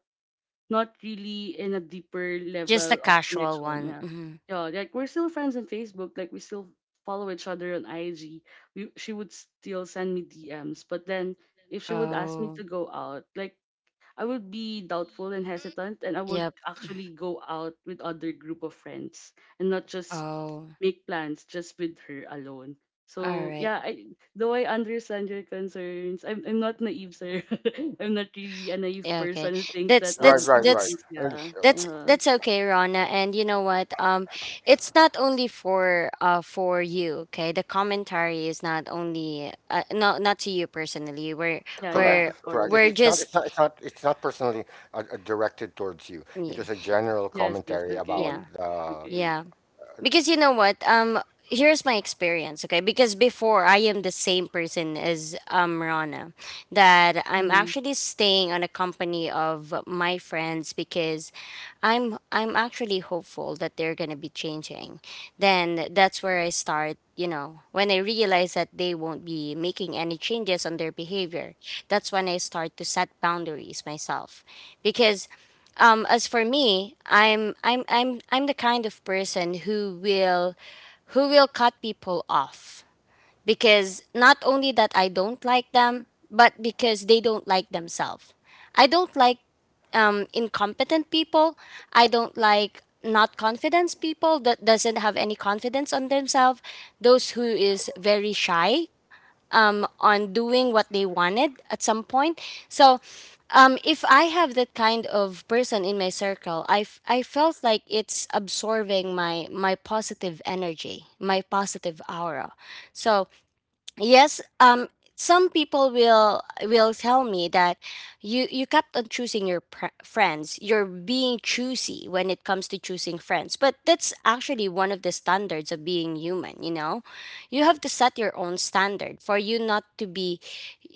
C: not really in a deeper
A: Just a
C: level of
A: casual
C: connection.
A: one.
C: Yeah,
A: Mhm.
C: yeah, like we're still friends on Facebook, like we still follow each other on IG. We she would still send me DMs, but then if she would ask me
A: Oh,
C: to go out, like I would be doubtful and hesitant, and I would
A: yep.
C: actually go out with other group of friends and not just
A: Oh,
C: make plans just with her alone.
A: all
C: So
A: right.
C: yeah, I though I understand your concerns, I'm not naive, sir. <laughs> I'm not really a naive
A: Yeah, okay.
C: person who thinks
A: That's
C: that
B: Right,
A: that's
B: right, right.
A: that's
C: everything's
B: And
C: yeah.
B: uh,
A: that's
C: Uh,
A: that's okay, Rana. And you know what? It's not only for you. Okay, the commentary is not only no, not to you personally.
C: yeah,
B: Correct,
C: yeah,
A: We're
C: of
B: correct. It,
C: course.
A: we're
B: it's not, it's not,
A: just
B: it's not, it's not personally directed towards you. It
A: yeah,
B: was a general
C: Yes, yes,
B: commentary about
C: okay.
A: yeah,
C: Okay.
A: yeah. Because you know what? Here's my experience, okay? Because before, I am the same person as Rana, that I'm
C: Mm,
A: actually staying on a company of my friends because I'm actually hopeful that they're gonna be changing. Then that's where I start, you know, when I realize that they won't be making any changes on their behavior, that's when I start to set boundaries myself. Because as for me, I'm the kind of person who will cut people off because not only that I don't like them, but because they don't like themselves. I don't like incompetent people. I don't like not confidence people that doesn't have any confidence on themselves. Those who is very shy on doing what they wanted at some point. So, if I have that kind of person in my circle, I felt like it's absorbing my positive energy, my positive aura. So yes, some people will tell me that you kept on choosing your friends, you're being choosy when it comes to choosing friends, but that's actually one of the standards of being human, you know. You have to set your own standard for you not to be,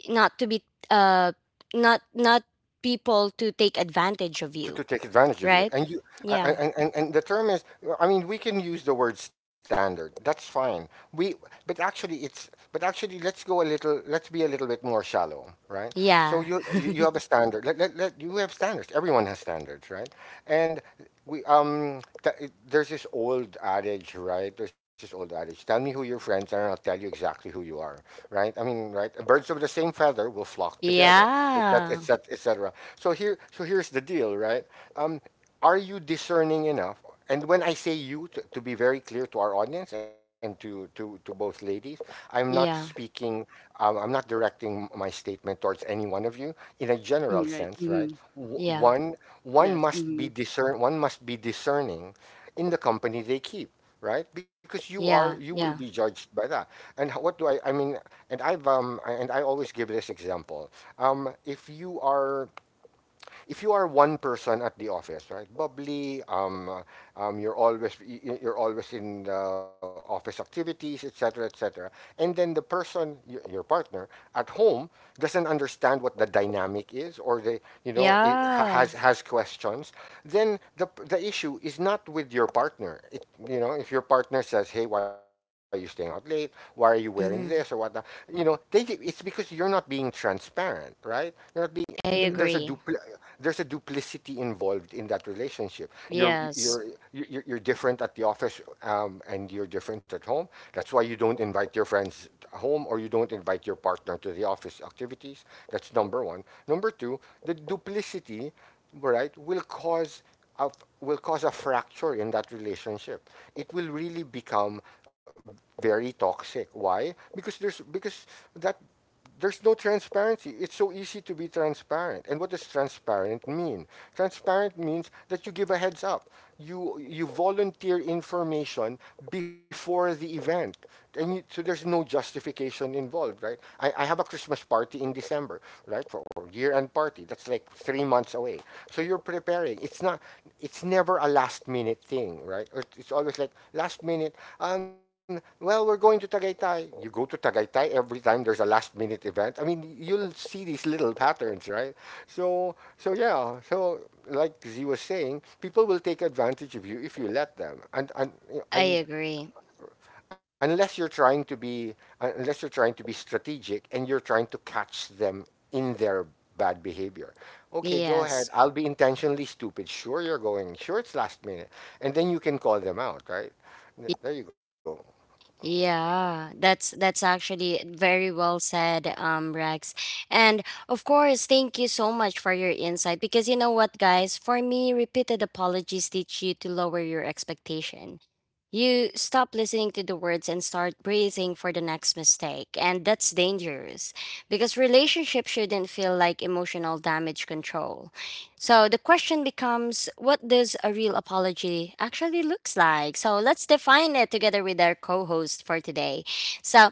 A: not to be uh not not people to take advantage of
B: to,
A: you.
B: to take advantage of you.
A: Right.
B: And you, I, I-
A: Yeah.
B: and, and and the term is, I mean, we can use the word standard. That's fine. But actually, but actually, let's go a little, let's be a little bit more shallow, right? So
A: Yeah.
B: you, you
A: <laughs>
B: have a standard. You have standards. Everyone has standards, right? And there's this old adage, right? There's this old adage. Tell me who your friends are, and I'll tell you exactly who you are, right? I mean, right? Birds of the same feather will flock together, et cetera, et
A: Yeah,
B: cetera, et cetera. So here, so here's the deal, right? Um, are you discerning enough? And when I say you, to be very clear to our audience and to both ladies, I'm not
A: yeah,
B: speaking. I'm not directing my statement towards any one of you in a general
C: mm, right.
B: sense, right?
C: Mm-hmm.
A: yeah,
B: One
C: Yes. Mm-hmm.
B: must be discerning in the company they keep, right? Because you are you
A: yeah,
B: will be
A: yeah,
B: judged by that. And what do I mean? And I always give this example. um if you are if you are one person at the office, right, bubbly, you're always you're always in the office activities, etc, etc, and then the person, your partner, at home doesn't understand what the dynamic is, or they, it
A: yeah.
B: has questions, then the issue is not with your partner. It, if your partner says, "Hey, why are you staying out late? Why are you wearing this or whatnot?"
A: Mm-hmm.
B: You know, they it's because you're not being transparent, right? You're not being, there's
A: I
B: a
C: Mm-hmm.
B: dupl-
A: agree.
B: there's a duplicity involved in that relationship. You're
A: Yes,
B: you're you're, you're different at the office, and you're different at home. That's why you don't invite your friends home, or you don't invite your partner to the office activities. That's number one. Number two, the duplicity, right, will cause a, will cause a fracture in that relationship. It will really become very toxic. Why? Because there's because that there's no transparency. It's so easy to be transparent. And what does transparent mean? Transparent means that you give a heads up. You volunteer information before the event, so there's no justification involved, right? I have a Christmas party in December, right, for or year-end party. That's like 3 months away. So you're preparing. It's not. It's never a last minute thing, right? It's always like last minute. Um, well, we're going to Tagaytay. You go to Tagaytay every time there's a last minute event. I mean, you'll see these little patterns, right? So, so yeah. So, like Z was saying, people will take advantage of you if you let them, and
A: I
B: and
A: agree.
B: unless you're trying to be unless you're trying to be strategic and you're trying to catch them in their bad behavior. Okay, go ahead.
A: Yes.
B: I'll be intentionally stupid. Sure you're going. Sure it's last minute. And then you can call them out, right?
A: Y-
B: There you go.
A: Yeah, that's actually very well said, Rex. And of course, thank you so much for your insight, because you know what, guys, for me, repeated apologies teach you to lower your expectation. You stop listening to the words and start bracing for the next mistake, and that's dangerous because relationships shouldn't feel like emotional damage control. So the question becomes, what does a real apology actually looks like? So let's define it together with our co-host for today. So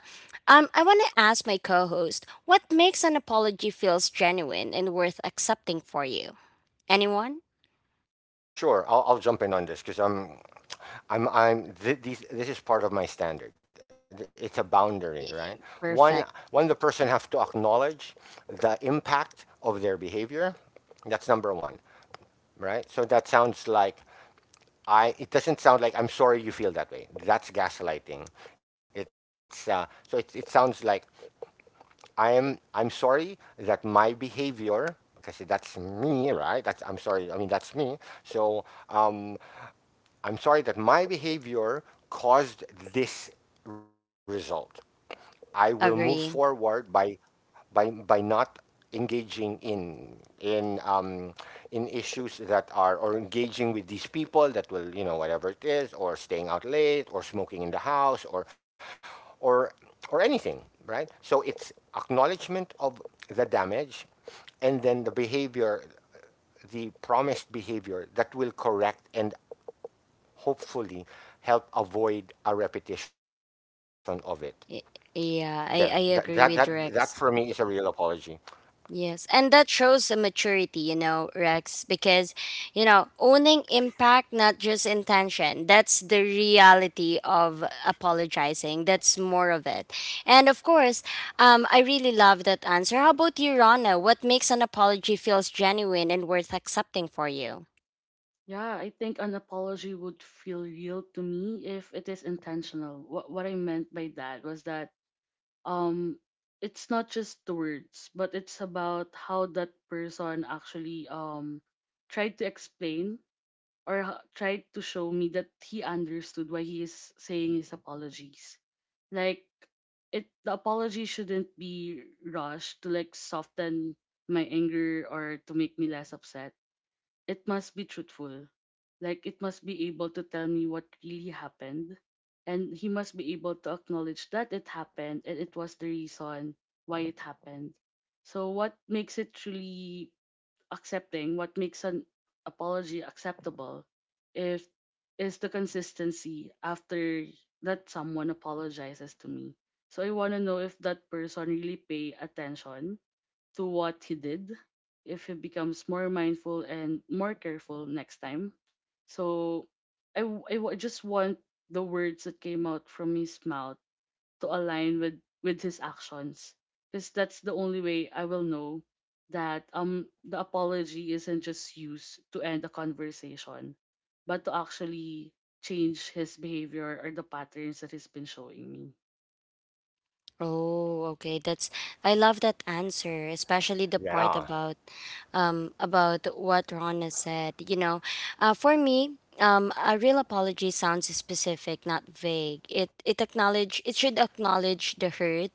A: I want to ask my co-host, what makes an apology feels genuine and worth accepting for you? Anyone?
B: Sure, I'll jump in on this because this is part of my standard. It's a boundary, right?
A: Y-
B: One one,
A: Perfect.
B: the person have to acknowledge the impact of their behavior. That's number 1, right? So that sounds like I it doesn't sound like I'm sorry you feel that way. That's gaslighting. It sounds like I'm sorry that my behavior because that's me, right? That's I'm sorry. I mean that's me. So um, I'm sorry that my behavior caused this result. I will move forward
A: Agree.
B: by not engaging in in um, in issues that are or engaging with these people that will, you know, whatever it is, or staying out late or smoking in the house, or or anything, right, so it's acknowledgement of the damage, and then the behavior, the promised behavior that will correct and hopefully help avoid a repetition of it.
A: Y-
B: yeah, that
A: Yeah,
B: that
A: I
B: that that
A: agree
B: for
A: with
B: me is a
A: Rex.
B: real apology.
A: Yes, and that shows a maturity, you know, Rex, because you know, owning impact, not just intention. That's the reality of apologizing. That's more of it. And of course, I really love that answer. How about you, Rana? What makes an apology feels genuine and worth accepting for you?
C: Yeah, I think an apology would feel real to me if it is intentional. What I meant by that was that um it's not just the words, but it's about how that person actually tried to explain, or h- tried to show me that he understood why he is saying his apologies. Like it the apology shouldn't be rushed to like soften my anger or to make me less upset, it must be truthful. Like it must be able to tell me what really happened. And he must be able to acknowledge that it happened and it was the reason why it happened. So what makes it truly accepting, what makes an apology acceptable if is the consistency after that someone apologizes to me. So I wanna know if that person really pay attention to what he did, if he becomes more mindful and more careful next time. So I w- just want the words that came out from his mouth to align with his actions, because that's the only way I will know that the apology isn't just used to end the conversation, but to actually change his behavior or the patterns that he's been showing me.
A: Oh, okay. That's I love that answer, especially the part
B: Yeah,
A: about what Rana said. You know, for me, a real apology sounds specific, not vague. It should acknowledge the hurt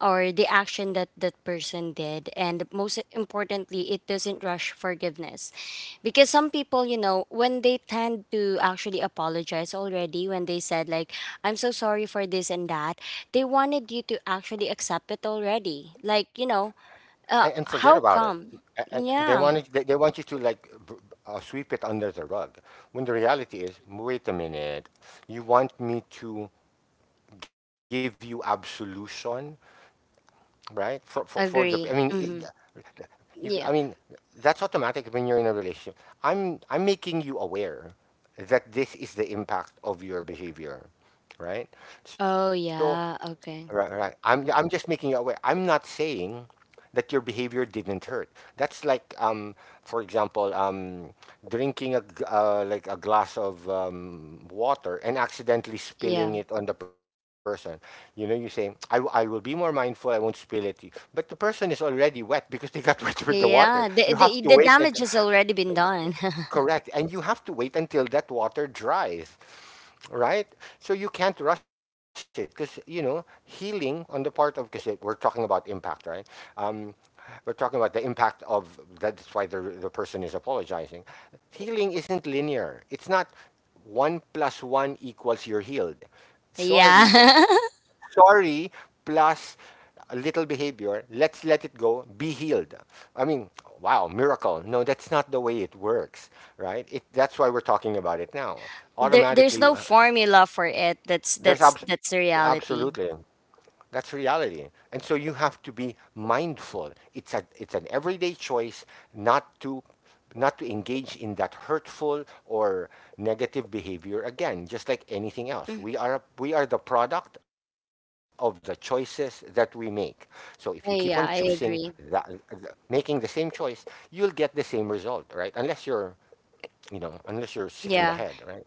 A: or the action that that person did, and most importantly, it doesn't rush forgiveness, because some people, you know, when they tend to actually apologize already, when they said like, "I'm so sorry for this and that." They wanted you to actually accept it already. Like, you know,
B: and forget
A: how
B: about it.
A: come?
B: And they
A: Yeah,
B: want they want you to sweep it under the rug, when the reality is, wait a minute, you want me to give you absolution, right? For the I mean,
A: agree. Hmm.
B: it, you I mean,
A: Yeah.
B: that's automatic when you're in a relationship. I'm making you aware that this is the impact of your behavior, right? So
A: Oh, yeah.
B: right, right.
A: Okay.
B: I'm just making you aware. I'm not saying that your behavior didn't hurt. That's like, for example, drinking a like a glass of water and accidentally
A: Yeah.
B: spilling it on the person. You know, you say, I will be more mindful. I won't spill it. But the person is already wet because they got <laughs> wet with the water.
A: Yeah.
B: You
A: The,
B: have to
A: the,
B: wait
A: the
B: and.
A: damage has already been done. <laughs>
B: Correct. And you have to wait until that water dries, right? So you can't rush it because you know healing on the part of because we're talking about impact, right? Um, we're talking about the impact of that's why the person is apologizing. Healing isn't linear. It's not one plus one equals you're healed. Sorry,
A: Yeah. <laughs>
B: sorry plus a little behavior. Let's let it go. Be healed. I mean, wow, miracle. No, that's not the way it works, right? It, that's why we're talking about it now.
A: There, there's
B: Automatically,
A: no formula for it.
B: there's
A: That's the
B: absolutely.
A: reality.
B: That's reality. And so you have to be mindful. It's a it's an everyday choice not to engage in that hurtful or negative behavior again, just like anything else.
A: Mm.
B: We are the product of the choices that we make. So if you keep on
A: Yeah,
B: choosing
A: yeah, I
B: that
A: agree.
B: making the same choice, you'll get the same result, right? Unless you're, you know, unless you're sick in the
A: Yeah.
B: head, right?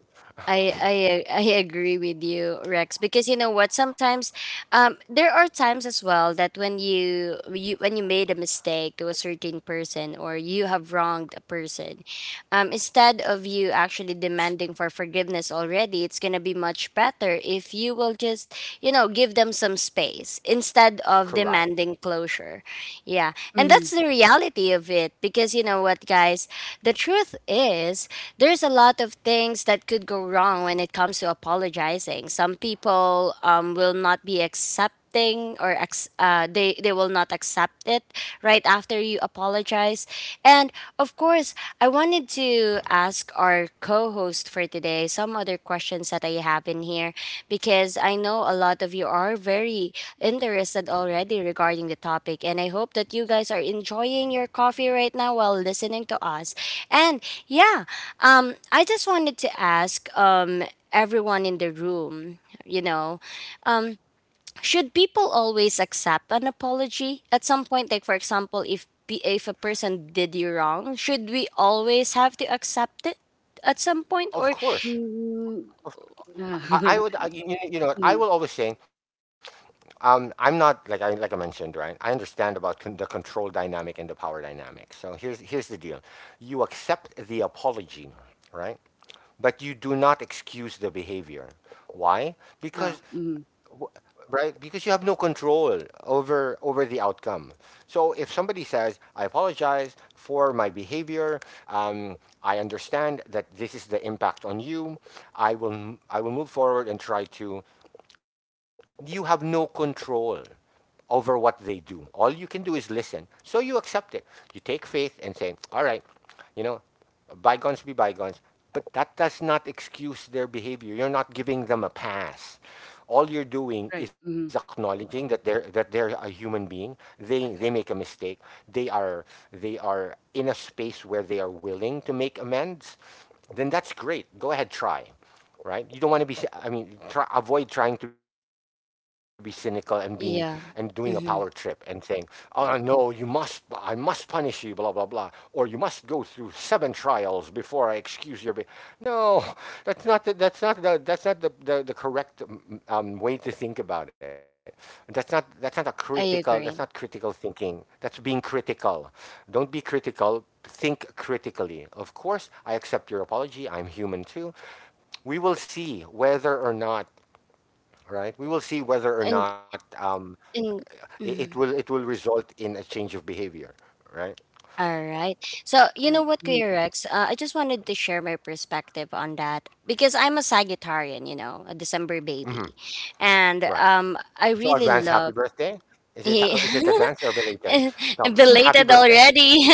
A: I I I agree with you, Rex, because you know what? Sometimes, there are times as well that when you when you made a mistake to a certain person or you have wronged a person, instead of you actually demanding for forgiveness already, it's gonna be much better if you will just you know give them some space instead of
B: Correct.
A: demanding closure. Yeah. And
C: Mm-hmm.
A: that's the reality of it, because you know what, guys? The truth is, there's a lot of things that could go wrong when it comes to apologizing. Some people will not be accepting or they, will not accept it right after you apologize. And of course, I wanted to ask our co host for today some other questions that I have in here because I know a lot of you are very interested already regarding the topic. And I hope that you guys are enjoying your coffee right now while listening to us. And yeah, I just wanted to ask everyone in the room, you know. um. Should people always accept an apology at some point? Like, for example, if a person did you wrong, should we always have to accept it at some point? Or
B: Of course.
C: Mm. Yeah. <laughs>
B: You,
C: Mm,
B: you know, I will always say, I'm not like I mentioned, right? I understand about the control dynamic and the power dynamic. So here's the deal: you accept the apology, right? But you do not excuse the behavior. Why?
C: yeah.
B: Because,
C: Mm-hmm.
B: right? Because you have no control over the outcome. So if somebody says, "I apologize for my behavior. Um, I understand that this is the impact on you. I will move forward and try to you have no control over what they do. All you can do is listen. So you accept it. You take faith and say, all right, you know, bygones be bygones. But that does not excuse their behavior. You're not giving them a pass. All you're doing
C: Right.
B: is
C: Mm-hmm.
B: acknowledging that they're a human being. They make a mistake. They are they are in a space where they are willing to make amends. Then that's great. Go ahead, try, right? You don't want to be. I mean, try, avoid trying to be cynical and being and doing a power
A: yeah,
B: trip and saying,
A: mm-hmm.
B: "Oh no, you must. I must punish you." Blah blah blah. Or you must go through seven trials before I excuse your. No, that's not. The, that's not the. That's not the correct way to think about it. That's not. That's not a critical.
A: I
B: That's not
A: agree.
B: critical thinking. That's being critical. Don't be critical. Think critically. Of course, I accept your apology. I'm human too. We will see whether or not, right, we will see whether or
A: And
B: not,
A: and
B: it, it will
A: mhm.
B: it will result in a change of behavior, right.
A: All right. So you know
C: Right.
A: what,
C: Mm-hmm.
A: Kuya
C: <laughs>
A: Rex? I just wanted to share my perspective on that because I'm a Sagittarian. You know, a December
B: Hmm.
A: baby, and
B: Right.
A: I
B: So
A: really
B: advance happy
A: love.
B: birthday.
A: <laughs>
B: Is it advanced or belated? No, happy
A: Belated
B: birthday.
A: already. <laughs>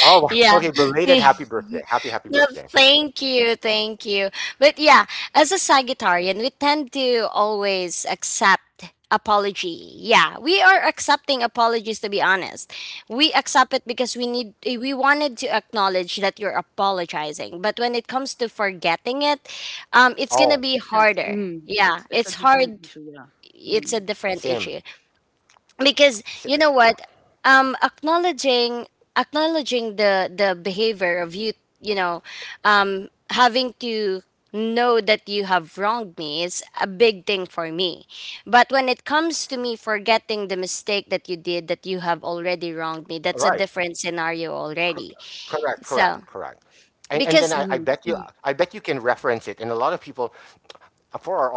B: Oh,
A: Yeah.
B: okay,
A: <laughs>
B: belated happy birthday, happy
A: No,
B: birthday.
A: thank you, thank you. But yeah, as a Sagittarian, we tend to always accept apology. Yeah, we are accepting apologies to be honest. We accept it because we need eh, we wanted to acknowledge that you're apologizing. But when it comes to forgetting it, it's going to be
B: Oh,
C: Yes.
A: harder.
C: Mm-hmm.
A: Yeah,
C: It's a
A: it's
C: different
A: hard.
C: issue, yeah.
A: It's a
C: Mm-hmm.
A: different
B: same.
A: issue because
B: S-
A: you know
B: s-
A: what, um acknowledging acknowledging the behavior of you, you know, having to know that you have wronged me is a big thing for me, but when it comes to me forgetting the mistake that you did, that you have already wronged me,
B: all
A: that's a
B: right.
A: different scenario
B: Co-
A: already.
B: Correct,
A: So
B: correct, correct. And
A: because
B: then
C: Mm-hmm.
B: I
A: mm,
B: bet you can reference it. And a lot of people,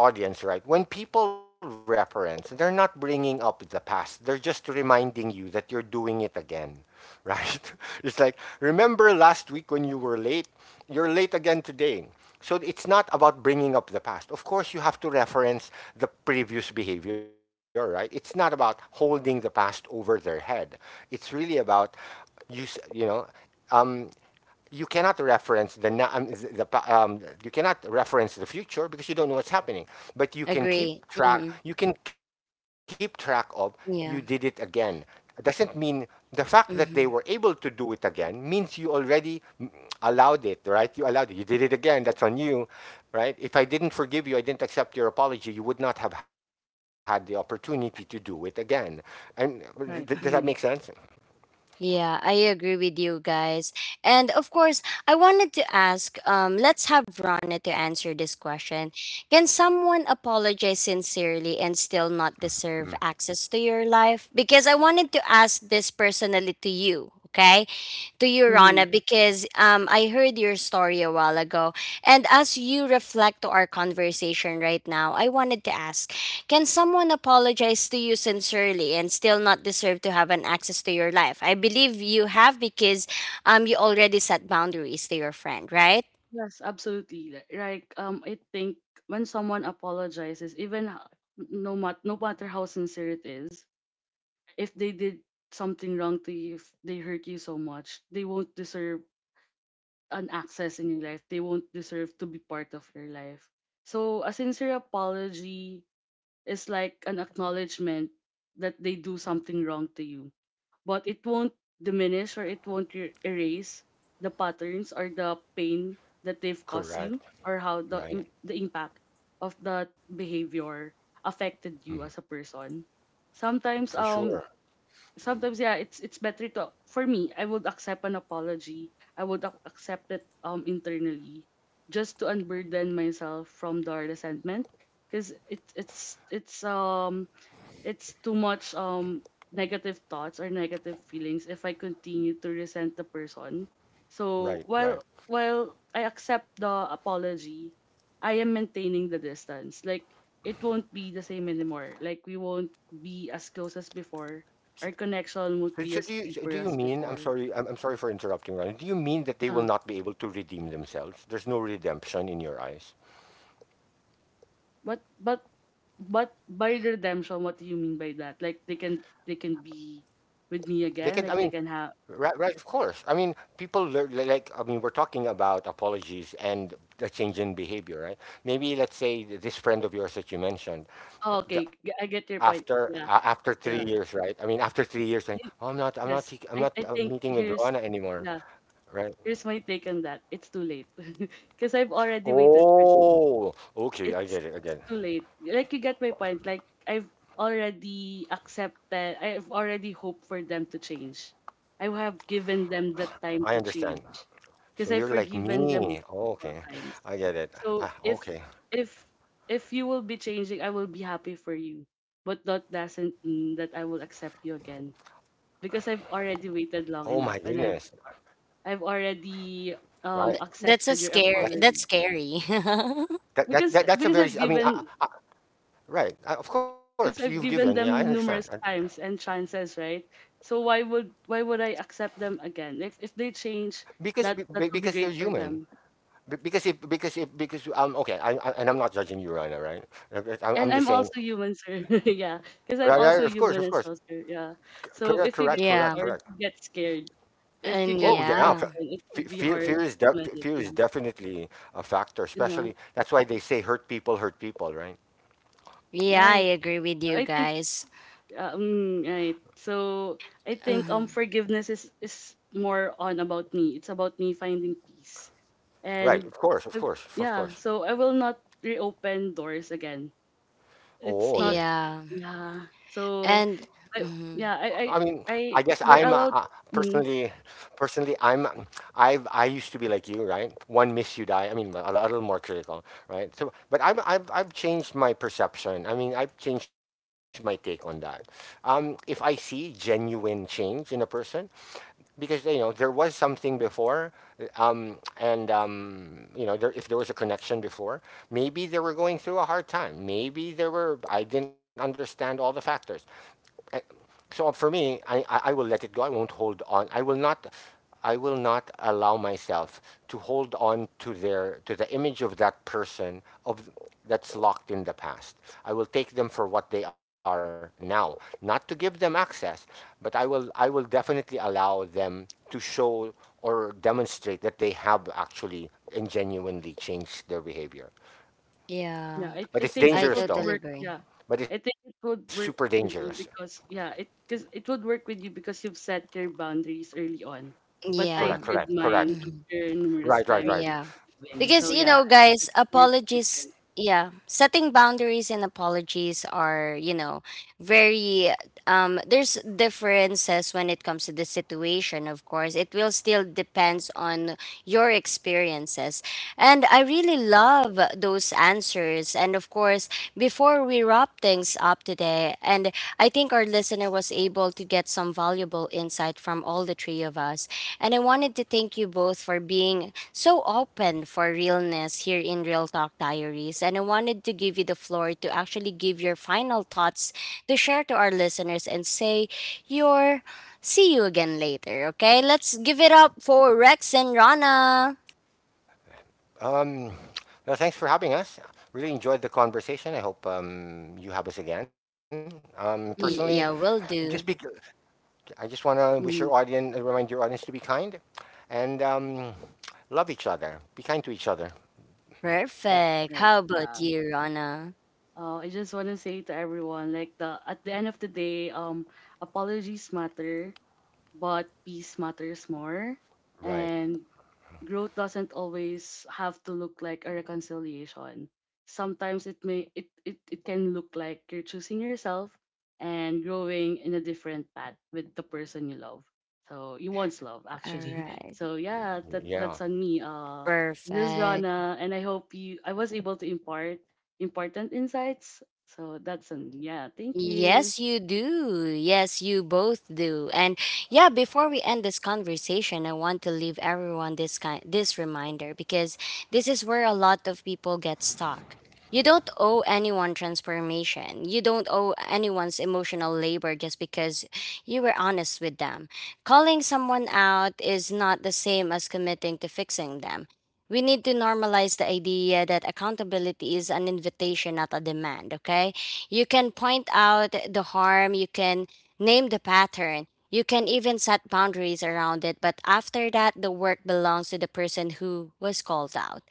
B: for our audience, right? When people reference, they're not bringing up the past. They're just reminding you that you're doing it again, right? <laughs> It's like, remember last week when you were late? You're late again today. So it's not about bringing up the past. Of course, you have to reference the previous behavior, right? It's not about holding the past over their head. It's really about you s- you know you cannot reference the you cannot reference the future because you don't know what's happening,
A: agree.
B: but you can
A: Hmm.
B: keep track. You can keep track of
A: Yeah.
B: You did it again. It doesn't mean the fact that
A: Mm-hmm.
B: they were able to do it again means you already allowed it. Right, you allowed it, you did it again, that's on you. Right, if I didn't forgive you, I didn't accept your apology, you would not have had the opportunity to do it again. And
C: Right.
B: Does that make
C: Mm-hmm.
B: sense?
A: Yeah, I agree with you guys. And of course, I wanted to ask let's have Rana to answer this question. Can someone apologize sincerely and still not
B: Mm.
A: deserve access to your life? Because I wanted to ask this personally to you, okay? To you,
C: Mm-hmm.
A: Rana, because I heard your story a while ago. And as you reflect to our conversation right now, I wanted to ask, can someone apologize to you sincerely and still not deserve to have an access to your life? I believe you have because you already set boundaries to your friend, right?
C: Yes, absolutely. Li- Like I think when someone apologizes, even h- no mat no matter how sincere it is, if they did something wrong to you, if they hurt you so much, they won't deserve an access in your life. They won't deserve to be part of your life. So a sincere apology is like an acknowledgement that they do something wrong to you, but it won't diminish, or it won't erase the patterns or the pain that they've caused you,
B: Correct.
C: or how the im- the
B: Right.
C: impact of that behavior affected you as a person. Sometimes
B: For sure.
C: sometimes yeah it's better to, for me, I would accept an apology, I would ac- accept it internally, just to unburden myself from the resentment, because it's it's it's too much negative thoughts or negative feelings if I continue to resent the person. So
B: Right, right.
C: while I accept the apology, I am maintaining the distance. Like it won't be the same anymore. Like we won't be as close as
B: So,
C: before. Our connection won't be
B: so
C: as
B: do you
C: deeper
B: mean?
C: as
B: I'm sorry.
C: before.
B: I'm sorry for interrupting, Ronnie. Do you mean that they will
C: Yeah.
B: not be able to redeem themselves? There's no redemption in your eyes.
C: But but but by redemption, what do you mean by that? Like they can be with
B: They
C: me
B: can. I mean,
C: again. Like they can have.
B: right, right. Of course. I mean, people learn, like. I mean, we're talking about apologies and a change in behavior, right? Maybe let's say this friend of yours that you mentioned,
C: Oh, okay, g- I get your point.
B: after
C: Yeah,
B: after three
C: yeah.
B: years, right? I mean, after 3 years, like,
C: You,
B: oh, I'm not,
C: yes,
B: I'm not
C: I think
B: meeting with
C: here's
B: Rona anymore,
C: yeah,
B: right?
C: here's my take on that. It's too late <laughs> because I've already waited for them.
B: Oh, okay, I get it, I
C: It's
B: get it.
C: too late. Like you get my point. Like I've already accepted. I've already hoped for them to change. I have given them the
B: I
C: time to
B: understand.
C: change
B: So
C: because I've
B: you're like
C: forgiven them
B: me.
C: multiple
B: Okay,
C: times.
B: I get it.
C: So
B: Ah,
C: if
B: okay.
C: if if you will be changing, I will be happy for you. But that doesn't mean that I will accept you again, because I've
B: Oh my
C: already waited
B: goodness.
C: long enough, and I've
B: Right.
C: already
A: That's a
B: That's
C: accepted your
A: scare,
C: apology,
A: that's scary.
B: that's a very
C: because
B: I
C: I've
B: mean,
C: given,
B: I, right. Of course, you've
C: because
B: given.
C: I've
B: Yeah, I
C: given
B: understand. I,
C: them numerous times and chances, right? So why would I accept them again? If they change,
B: because
C: that that would be
B: because
C: great
B: they're
C: for them.
B: human. Because if because if because okay, I and I'm not judging you, Rana, right?
C: And
B: But
C: I'm
B: I'm
C: also
B: just saying,
C: human, sir. <laughs> Yeah, because I'm
B: right, right?
C: also
B: Of course,
C: human
B: of
C: as
B: course.
C: well, sir. Yeah. So if
B: Correct,
C: you
A: <laughs>
C: get
B: correct,
A: Yeah.
C: hard,
B: correct,
C: you
B: correct.
C: get scared. If you
A: And
C: get
B: Oh
C: broken,
A: yeah.
B: yeah,
C: it would be hard to
B: fear
C: mend it. Yeah.
B: fear is definitely a
C: You
B: factor.
C: know.
B: Especially that's why they say hurt people, right?
A: Yeah, I
C: Right.
A: agree with you
C: I think
A: guys.
C: Mm, right. So I think
A: Mhm.
C: forgiveness is more on about me. It's about me finding peace. And
B: Right. Of
C: I,
B: course. Of course.
C: yeah,
B: Of course.
C: so I will not reopen doors again. It's
B: Oh,
C: not
B: okay.
A: Yeah.
C: yeah. So
A: And
C: I
A: mhm.
B: I
C: yeah, I
B: mean,
C: I,
B: I
C: I
B: guess I'm
C: we're allowed
B: personally,
C: mm-hmm.
B: personally, I'm, I used to be like you, right? One miss you die. I mean, a little more critical, right? So, but I've changed my perception. I mean, I've changed my take on that. If I see genuine change in a person, because you know there was something before, and you know if there was a connection before, maybe they were going through a hard time, maybe there were, I didn't understand all the factors. So for me, I will let it go. I won't hold on. I will not allow myself to hold on to the image of that person, of that's locked in the past. I will take them for what they are now. Not to give them access, but I will definitely allow them to show or demonstrate that they have actually and genuinely changed their behavior.
A: Yeah.
C: Yeah,
B: But
C: I
B: it's
C: think it
A: I
B: dangerous
C: would
B: though.
A: totally
C: work.
A: agree.
C: Yeah,
B: But it's
C: I think
B: super
C: it would
B: dangerous.
C: work with you because yeah, it because it would work with you because you've set your boundaries early on. But
B: Correct,
C: I
A: Yeah.
B: correct,
C: did
B: correct.
C: mine
A: Mhm.
C: after numerous
B: Right, right,
C: times
B: right.
C: of
A: Yeah.
C: giving.
A: Because
C: So
A: you
C: yeah,
A: know,
C: I think
A: guys,
C: it's very
A: apologies,
C: different.
A: yeah, setting boundaries and apologies are, you know, very there's differences when it comes to the situation, of course. It will still depends on your experiences. And I really love those answers. And of course, before we wrap things up today, and I think our listener was able to get some valuable insight from all the three of us. And I wanted to thank you both for being so open for realness here in Real Talk Diaries. And I wanted to give you the floor to actually give your final thoughts to share to our listeners and say your see you again later. Okay, let's give it up for Rex and Rana.
B: Um, well, thanks for having us. Really enjoyed the conversation. I hope you have us again. Personally,
A: Yeah,
C: Mm-hmm.
B: just be,
A: will do.
B: I just want to wish your audience, remind your audience to be kind and love each other. Be kind to each other. Yep.
A: Perfect.
C: Right.
A: How about
C: Yeah.
A: you, Rana?
C: I just want to say to everyone, like the at the end of the day, apologies matter, but peace matters more.
B: Right.
C: And growth doesn't always have to look like a reconciliation. Sometimes it may it, it, it can look like you're choosing yourself and growing in a different path with the person you love. So you once love
A: All
C: actually. <laughs>
A: right.
C: So yeah, that
B: Yeah,
C: that's on me. This is
A: Perfect.
C: Rana and I hope you I was able to impart important insights. So that's on yeah, thank you.
A: Yes, you do. Yes, you both do. And yeah, before we end this conversation, I want to leave everyone this kind this reminder because this is where a lot of people get stuck. You don't owe anyone transformation. You don't owe anyone's emotional labor just because you were honest with them. Calling someone out is not the same as committing to fixing them. We need to normalize the idea that accountability is an invitation, not a demand, okay? You can point out the harm, you can name the pattern, you can even set boundaries around it, but after that, the work belongs to the person who was called out.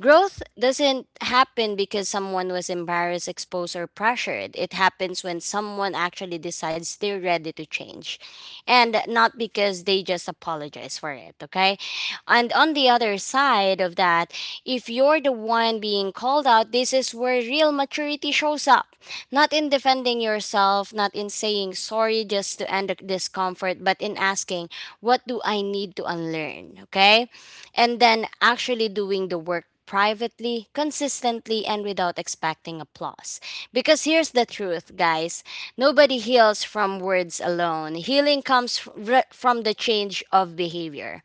A: Growth doesn't happen because someone was embarrassed, exposed, or pressured. It happens when someone actually decides they're ready to change and not because they just apologize for it, okay? And on the other side of that, if you're the one being called out, this is where real maturity shows up. Not in defending yourself, not in saying sorry just to end the discomfort, but in asking, what do I need to unlearn? Okay. And then actually doing the work privately, consistently, and without expecting applause. Because here's the truth, guys, nobody heals from words alone. Healing comes from the change of behavior,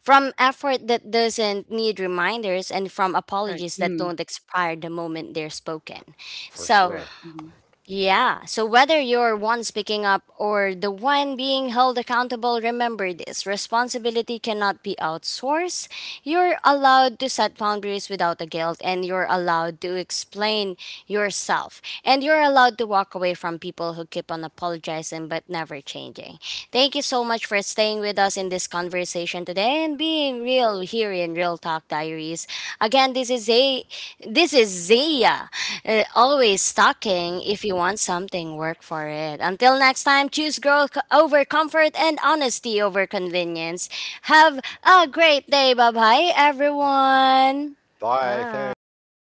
A: from effort that doesn't need reminders, and from
C: Right.
A: apologies that
C: Mm,
A: don't expire the moment they're spoken.
B: for
A: So,
C: correct.
B: sure.
C: Mhm.
A: yeah, so whether you're one speaking up or the one being held accountable, remember this responsibility cannot be outsourced. You're allowed to set boundaries without the guilt, and you're allowed to explain yourself, and you're allowed to walk away from people who keep on apologizing but never changing. Thank you so much for staying with us in this conversation today and being real here in Real Talk Diaries. Again, this is Zia. Always talking. If you want something, work for it. Until next time, choose growth over comfort and honesty over convenience. Have a great day. Bye bye, everyone.
B: Bye. Thanks.
C: Bye.